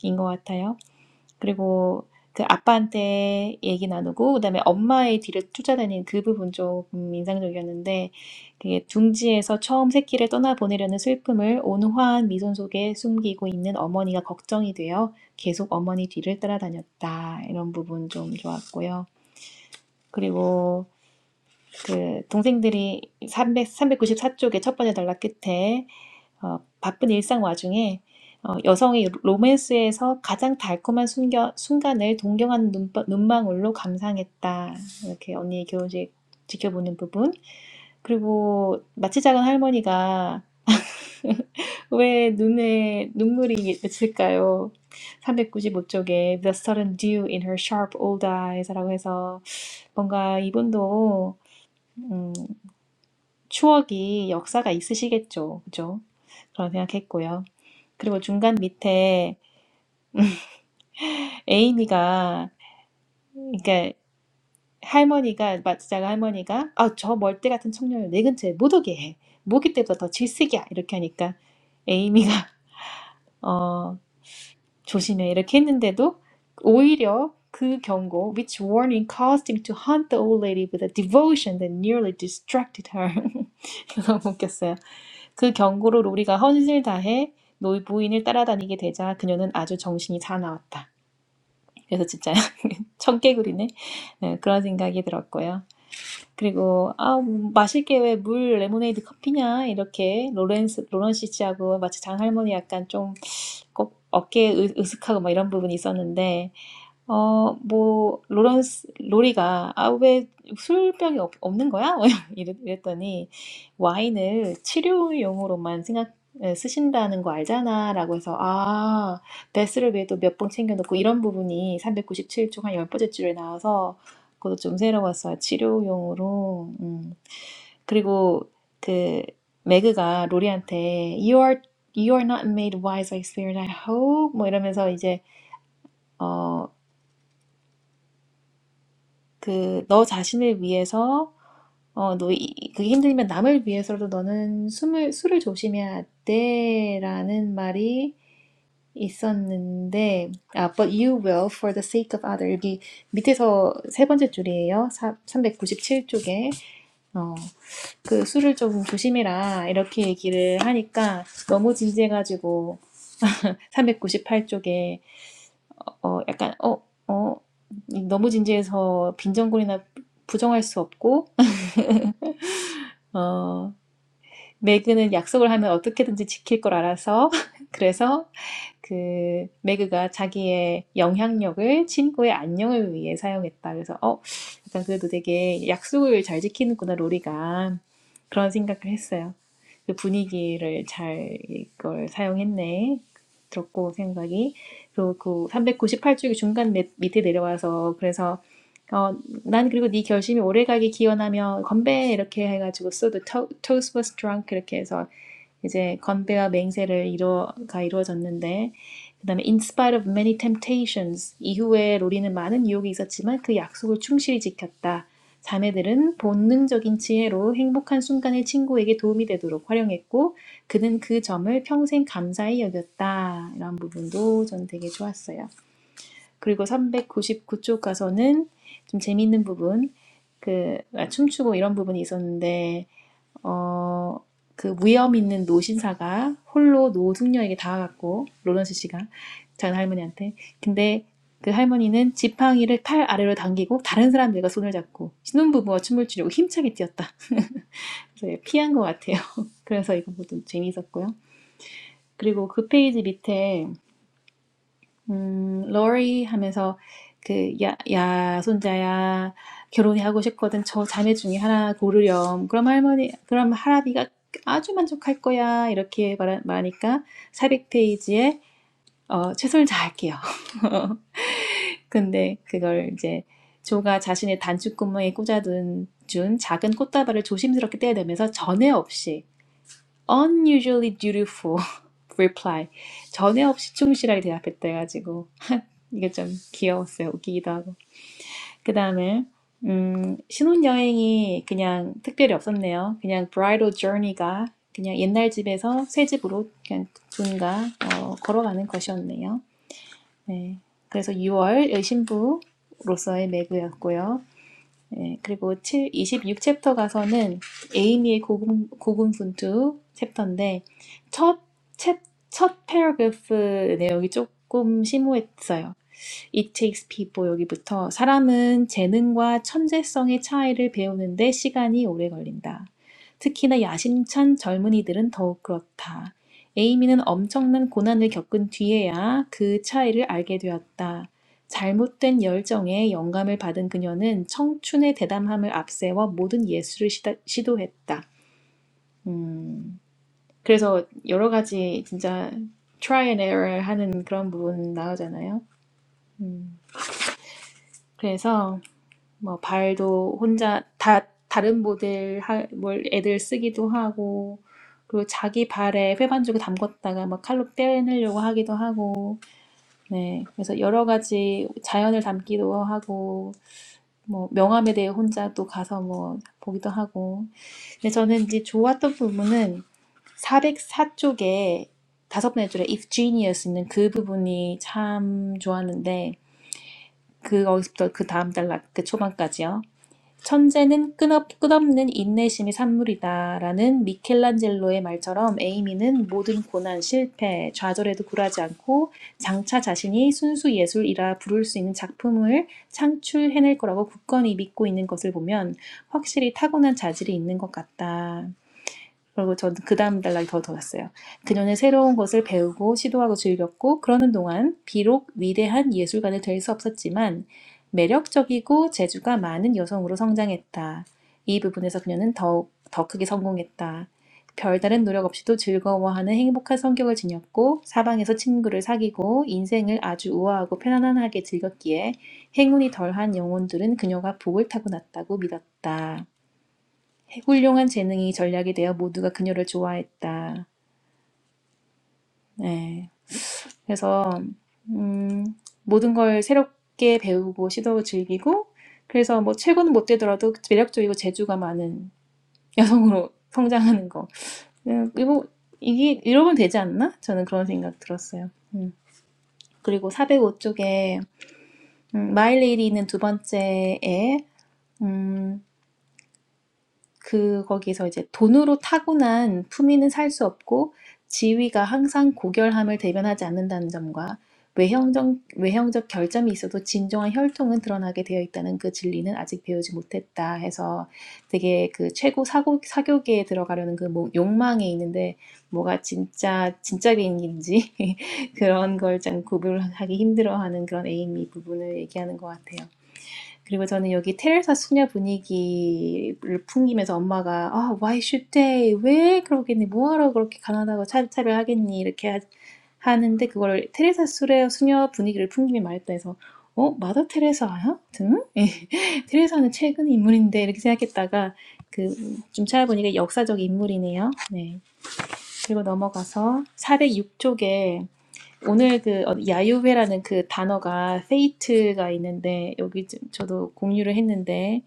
true self. *laughs* 그리고 그 아빠한테 얘기 나누고 그다음에 엄마의 뒤를 쫓아다니는 그 부분 조금 인상적이었는데 그게 둥지에서 처음 새끼를 떠나보내려는 슬픔을 온화한 미소 속에 숨기고 있는 어머니가 걱정이 되어 계속 어머니 뒤를 따라다녔다 이런 부분 좀 좋았고요. 그리고 그 동생들이 300, 쪽의 첫 번째 단락 끝에 어, 바쁜 일상 와중에 어, 여성이 로맨스에서 가장 달콤한 순겨, 순간을 동경하는 눈, 눈망울로 감상했다. 이렇게 언니의 교훈식 지켜보는 부분. 그리고 마치 작은 할머니가 왜 눈에 눈물이 맺힐까요? 삼백구십오 쪽에 The sudden dew in her sharp old eyes. 그리고 중간 밑에 에이미가 그러니까 할머니가 마치자가 할머니가 아, 저 멀대 같은 청년을 내 근처에 못 오게 해. 모기 때보다 더 질색이야. 이렇게 하니까 에이미가 *laughs* 어, 조심해 이렇게 했는데도 오히려 그 경고 which warning caused him to hunt the old lady with a devotion that nearly distracted her. *laughs* 그래서 너무 웃겼어요. 그 경고로 우리가 헌신을 다해 노 부인을 따라다니게 되자 그녀는 아주 정신이 사나웠다. 그래서 진짜 청개구리네. 네, 그런 생각이 들었고요. 그리고 아, 뭐 마실 게 왜 물 레모네이드 커피냐 이렇게 로렌스 로런 씨하고 마치 장할머니 약간 좀꼭 어깨 으- 으쓱하고 막 이런 부분이 있었는데 어, 뭐, 로런스, 로리가, 아, 왜 술병이 없, 없는 거야? *laughs* 이랬- 이랬더니, 와인을 치료용으로만 생각, 에, 쓰신다는 거 알잖아. 라고 해서, 아, 베스를 위해 또 몇 봉 챙겨놓고, 이런 부분이 397쪽 한 열 번째 줄에 나와서, 그것도 좀 새로웠어요. 치료용으로. 음. 그리고, 그, 매그가 로리한테, You are, you are not made wise by experience, I hope. 뭐 이러면서 이제, 그 너 자신을 위해서 어, 너 이- 그게 힘들면 남을 위해서라도 너는 숨을 술을 조심해야 돼라는 말이 있었는데 아, but you will for the sake of other 여기 밑에서 세 번째 줄이에요. 사, 삼백구십칠 쪽에 어, 그 술을 좀 조심해라 이렇게 얘기를 하니까 너무 진지해가지고 삼백구십팔 쪽에 어 약간 어 어, 너무 진지해서 빈정거리나 부정할 수 없고 어. 메이드는 약속을 하면 어떻게든지 지킬 걸 알아서 *laughs* 그래서 그 매그가 자기의 영향력을 친구의 안녕을 위해 사용했다. 그래서 어, 약간 그래도 되게 약속을 잘 지키는구나, 로리가. 그런 생각을 했어요. 그 분위기를 잘 이걸 사용했네. 들었고 생각이. 그리고 그 398쪽이 중간 밑- 밑에 내려와서 그래서 어, 난 그리고 네 결심이 오래가게 기원하며 건배 이렇게 해가지고 so the toast was drunk 이렇게 해서 이제 건배와 맹세를 이루어가 이루어졌는데 그다음에 in spite of many temptations 이후에 로리는 많은 유혹이 있었지만 그 약속을 충실히 지켰다. 자매들은 본능적인 지혜로 행복한 순간을 친구에게 도움이 되도록 활용했고 그는 그 점을 평생 감사히 여겼다. 이런 부분도 전 되게 좋았어요. 그리고 399쪽 가서는 좀 재미있는 부분 그 아, 춤추고 이런 부분이 있었는데 어, 그 무염 있는 노신사가 홀로 노숙녀에게 다가갔고 로런스 씨가 작은 할머니한테 근데 그 할머니는 지팡이를 팔 아래로 당기고 다른 사람들과 손을 잡고 신혼부부와 춤을 추려고 힘차게 뛰었다. 그래서 피한 것 같아요. *laughs* 그래서 이거 모두 재미있었고요. 그리고 그 페이지 밑에 음, 러리 하면서 그 야, 야, 손자야, 결혼이 하고 싶거든. 저 자매 중에 하나 고르렴. 그럼 할머니, 그럼 할아비가 아주 만족할 거야. 이렇게 말, 말하니까 400페이지에 어, 최선을 다할게요. *laughs* 근데 그걸 이제 조가 자신의 단추구멍에 꽂아둔 준 작은 꽃다발을 조심스럽게 떼어내면서 전에 없이 unusually dutiful *laughs* reply 전에 없이 충실하게 대답했다 해가지고 이게 좀 귀여웠어요. 웃기기도 하고. 그 다음에, 음, 신혼여행이 그냥 특별히 없었네요. 그냥 bridal journey가 그냥 옛날 집에서 새 집으로 그냥 둔가, 어, 걸어가는 것이었네요. 네. 그래서 6월 신부로서의 매그였고요. 네, 그리고 7, 챕터 가서는 에이미의 고군, 고군분투 챕터인데, 첫, 챕, 첫 패러그래프 내용이 조금 심오했어요. It takes people 여기부터 사람은 재능과 천재성의 차이를 배우는데 시간이 오래 걸린다. 특히나 야심찬 젊은이들은 더욱 그렇다. 에이미는 엄청난 고난을 겪은 뒤에야 그 차이를 알게 되었다. 잘못된 열정에 영감을 받은 그녀는 청춘의 대담함을 앞세워 모든 예술을 시다, 시도했다. 음, 그래서 여러 가지 진짜 try and error 하는 그런 부분 나오잖아요. 음, 그래서 뭐 발도 혼자 다 다른 모델 하, 뭘 애들 쓰기도 하고 그리고 자기 발에 회반죽을 담궜다가 막 칼로 빼내려고 하기도 하고 네 그래서 여러 가지 자연을 담기도 하고 뭐 명함에 대해 혼자 또 가서 뭐 보기도 하고 근데 저는 이제 좋았던 부분은 사백사 쪽에 다섯 번째 줄에 if genius 있는 그 부분이 참 좋았는데 그거부터 그 다음 단락 그 초반까지요 천재는 끊업, 끝없는 인내심이 산물이다라는 미켈란젤로의 말처럼 에이미는 모든 고난, 실패, 좌절에도 굴하지 않고 장차 자신이 순수 예술이라 부를 수 있는 작품을 창출해낼 거라고 굳건히 믿고 있는 것을 보면 확실히 타고난 자질이 있는 것 같다. 그리고 저는 그 다음 단락이 더 더웠어요. 그녀는 새로운 것을 배우고 시도하고 즐겼고 그러는 동안 비록 위대한 예술가는 될 수 없었지만 매력적이고 재주가 많은 여성으로 성장했다. 이 부분에서 그녀는 더욱 더 크게 성공했다. 별다른 노력 없이도 즐거워하는 행복한 성격을 지녔고 사방에서 친구를 사귀고 인생을 아주 우아하고 편안하게 즐겼기에 행운이 덜한 영혼들은 그녀가 복을 타고났다고 믿었다. 훌륭한 재능이 전략이 되어 모두가 그녀를 좋아했다. 네. 그래서 음, 모든 걸 새롭게 배우고 시도 즐기고 그래서 뭐 최고는 못 되더라도 매력적이고 재주가 많은 *laughs* 여성으로 성장하는 거. 네, 그리고 이게 이러면 되지 않나? 저는 그런 생각 들었어요. 음. 그리고 405쪽에 음, 마이 레이디는 두 번째에 음, 그 거기서 이제 돈으로 타고난 품위는 살 수 없고 지위가 항상 고결함을 대변하지 않는다는 점과 외형적, 외형적 결점이 있어도 진정한 혈통은 드러나게 되어 있다는 그 진리는 아직 배우지 못했다 해서 되게 그 최고 사고, 사교계에 들어가려는 그 뭐- 욕망에 있는데 뭐가 진짜, 진짜 비행기인지 *laughs* 그런 걸 좀 구별하기 힘들어하는 그런 에이미 부분을 얘기하는 것 같아요. 그리고 저는 여기 테레사 수녀 분위기를 풍기면서 엄마가 아, why should they? 왜 그러겠니? 뭐하러 그렇게 가난하고 차별차별 하겠니? 이렇게 하, 하는데 그걸 테레사 수레 수녀 분위기를 풍기며 말했다 해서 어? 마더 테레사야? 등? *laughs* 예. 테레사는 최근 인물인데 이렇게 생각했다가 그 좀 찾아보니까 역사적 인물이네요. 네. 그리고 넘어가서 406쪽에 오늘 그 어- 야유회라는 그 단어가 fate가 있는데 여기 지- 저도 공유를 했는데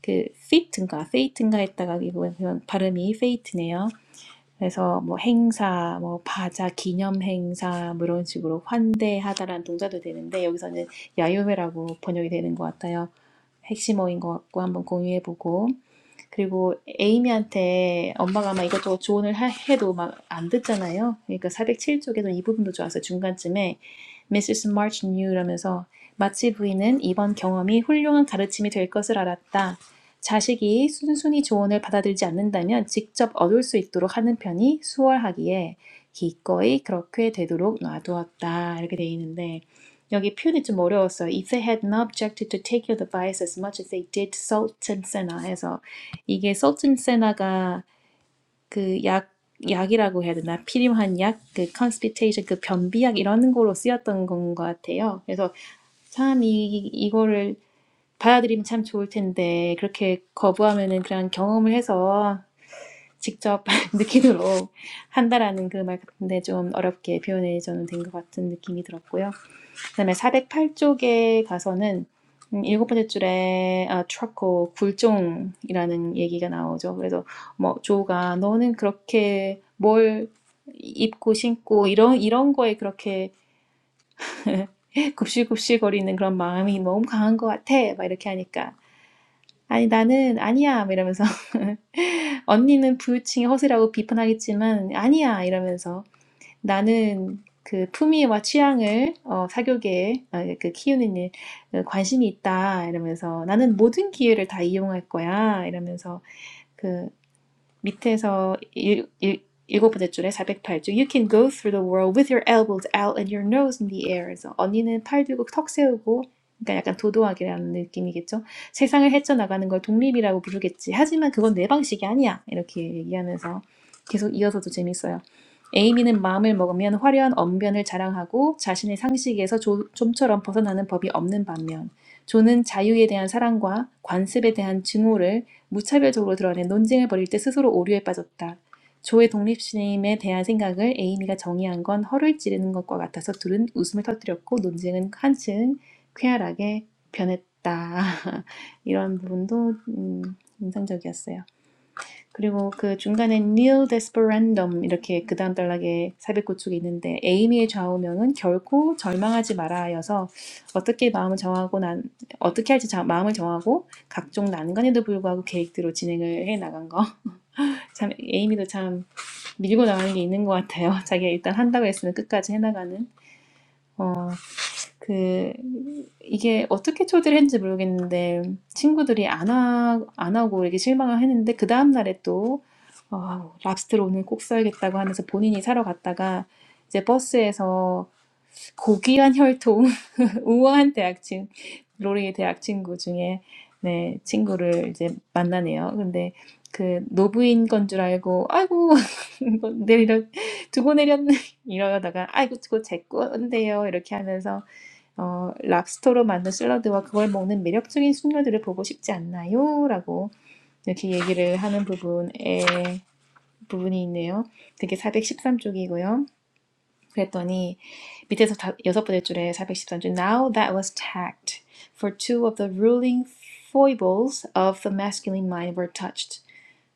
그 fate인가 fate인가 했다가 이거 그냥 발음이 fate네요. 그래서 뭐 행사, 뭐 바자, 기념 행사 뭐 이런 식으로 환대하다라는 동사도 되는데 여기서는 야유회라고 번역이 되는 것 같아요. 핵심어인 것 같고 한번 공유해보고 그리고 에이미한테 엄마가 막 이것저것 조언을 하- 해도 막 안 듣잖아요. 그러니까 사백칠 쪽에도 이 부분도 좋았어요. 중간쯤에 Mrs. March knew 라면서 마치 부인은 이번 경험이 훌륭한 가르침이 될 것을 알았다. 자식이 순순히 조언을 받아들이지 않는다면 직접 얻을 수 있도록 하는 편이 수월하기에 기꺼이 그렇게 되도록 놔두었다. 이렇게 돼 있는데 여기 표현이 좀 어려웠어요. If they had not objected to take your advice as much as they did, salt and senna 해서 이게 서진 세나가 그 약, 약이라고 해야 되나? 필요한 약, 그 컨스피테이션, 그 변비약 이런 걸로 쓰였던 건 것 같아요. 그래서 참 이, 이거를 받아들이면 참 좋을 텐데 그렇게 거부하면은 그냥 경험을 해서 직접 *laughs* 느끼도록 한다라는 그 말 같은데 좀 어렵게 표현이 저는 된 것 같은 느낌이 들었고요. 그다음에 쪽에 가서는 음, 일곱 번째 줄에 아, 트러코 굴종이라는 얘기가 나오죠. 그래서 뭐 조가 너는 그렇게 뭘 입고 신고 이런 이런 거에 그렇게 굽실굽실거리는 그런 마음이 너무 강한 것 같아. 막 이렇게 하니까 아니 나는 아니야 막 이러면서 *laughs* 언니는 부유층의 허세라고 비판하겠지만 아니야 이러면서 나는 그 품위와 취향을 어, 사교계에 어, 그 키우는 일 어, 관심이 있다 이러면서 나는 모든 기회를 다 이용할 거야 이러면서 밑에서 일, 일, 일곱 번째 줄에 408쪽 You can go through the world with your elbows out and your nose in the air. 그래서 언니는 팔 들고 턱 세우고 그러니까 약간 도도하게라는 느낌이겠죠. 세상을 헤쳐나가는 걸 독립이라고 부르겠지. 하지만 그건 내 방식이 아니야. 이렇게 얘기하면서 계속 이어서도 재밌어요. 에이미는 마음을 먹으면 화려한 언변을 자랑하고 자신의 상식에서 조, 좀처럼 벗어나는 법이 없는 반면 존은 자유에 대한 사랑과 관습에 대한 증오를 무차별적으로 드러낸 논쟁을 벌일 때 스스로 오류에 빠졌다. 조의 독립심에 대한 생각을 에이미가 정의한 건 허를 찌르는 것과 같아서 둘은 웃음을 터뜨렸고 논쟁은 한층 쾌활하게 변했다. *laughs* 이런 부분도 음, 인상적이었어요. 그리고 그 중간에 nil desperandum 이렇게 그 다음 단락에 409쪽에 있는데 에이미의 좌우명은 결코 절망하지 마라여서 어떻게 마음을 정하고 난 어떻게 할지 자, 마음을 정하고 각종 난관에도 불구하고 계획대로 진행을 해 나간 거. *laughs* 참 에이미도 참 밀고 나가는 게 있는 것 같아요. *laughs* 자기가 일단 한다고 했으면 끝까지 해 나가는. 어 그 이게 어떻게 초대를 했는지 모르겠는데 친구들이 안, 하, 안 하고 이렇게 실망을 했는데 그 다음 날에 또 어, 랍스터를 오늘 꼭 써야겠다고 하면서 본인이 사러 갔다가 이제 버스에서 고귀한 혈통 *laughs* 우아한 대학 친 로리의 대학 친구 중에 네 친구를 이제 만나네요. 근데 그 노부인 건 줄 알고 아이고 *laughs* 이거 내리려 두고 내렸네 *laughs* 이러다가 아이고 그거 제 건데요 이렇게 하면서 어, 랍스터로 만든 샐러드와 그걸 먹는 매력적인 숙녀들을 보고 싶지 않나요? 라고 이렇게 얘기를 하는 부분에 부분이 있네요. 그게 사백십삼 쪽이고요. 그랬더니 밑에서 다, 여섯 번째 줄에 사백십삼 쪽 Now that was tact for two of the ruling foibles of the masculine mind were touched.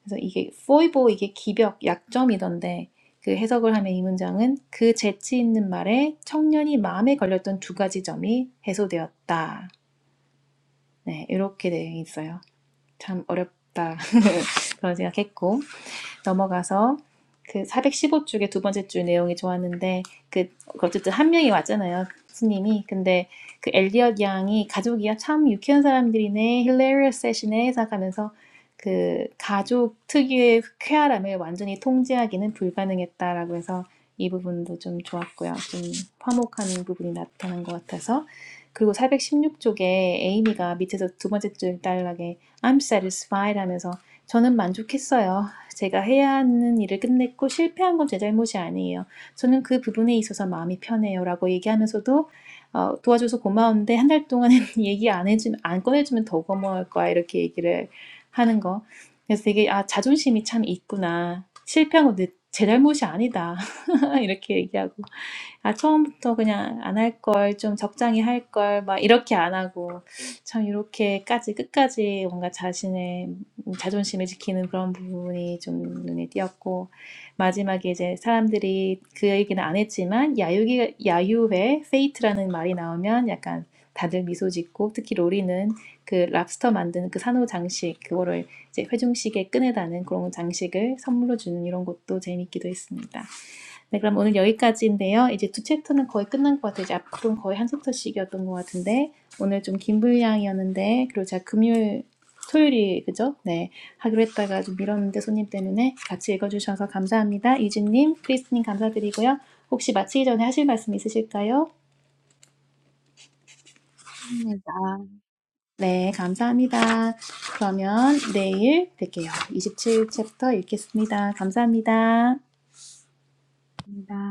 그래서 이게 foible 이게 기벽 약점이던데 그 해석을 하면 이 문장은 그 재치 있는 말에 청년이 마음에 걸렸던 두 가지 점이 해소되었다. 네, 이렇게 되어 있어요. 참 어렵다. *laughs* 그런 생각했고. 넘어가서 그 사백십오 쪽의 415쪽의 두 번째 줄 내용이 좋았는데 그 어쨌든 한 명이 왔잖아요. 스님이 근데 그 엘리엇 양이 가족이야 참 유쾌한 사람들이네, hilarious 힐레리어스 세션에 생각하면서 그 가족 특유의 쾌활함을 완전히 통제하기는 불가능했다라고 해서 이 부분도 좀 좋았고요. 좀 화목하는 부분이 나타난 것 같아서 그리고 사백십육 416쪽에 에이미가 밑에서 두 번째 줄 딸락에 I'm satisfied 하면서 저는 만족했어요. 제가 해야 하는 일을 끝냈고 실패한 건 제 잘못이 아니에요. 저는 그 부분에 있어서 마음이 편해요라고 얘기하면서도 어, 도와줘서 고마운데 한 달 동안은 *laughs* 얘기 안 해주면 안 꺼내주면 더 고마울 거야 이렇게 얘기를 하는 거. 그래서 되게 아 자존심이 참 있구나. 실패한 건내 제 잘못이 아니다 *laughs* 이렇게 얘기하고 아, 처음부터 그냥 안 할 걸, 좀 적당히 할 걸, 막 이렇게 안 하고, 참 이렇게까지 끝까지 뭔가 자신의 자존심을 지키는 그런 부분이 좀 눈에 띄었고, 마지막에 이제 사람들이 그 얘기는 안 했지만, 야유기, 야유회, 페이트라는 말이 나오면 약간 다들 미소 짓고, 특히 로리는 그 랍스터 만드는 그 산호 장식, 그거를 이제 회중식에 끈에다는 그런 장식을 선물로 주는 이런 것도 재밌기도 했습니다. 네, 그럼 오늘 여기까지인데요. 이제 두 챕터는 거의 끝난 것 같아요. 이제 앞으로는 거의 한 챕터씩이었던 것 같은데 오늘 좀 긴 분량이었는데 그리고 제가 금요일, 토요일이 그죠? 네, 하기로 했다가 좀 미뤘는데 손님 때문에 같이 읽어주셔서 감사합니다. 이진님, 크리스님 감사드리고요. 혹시 마치기 전에 하실 말씀 있으실까요? 맞습니다. 네, 감사합니다. 그러면 내일 뵐게요. 27 챕터 읽겠습니다. 감사합니다. 맞습니다.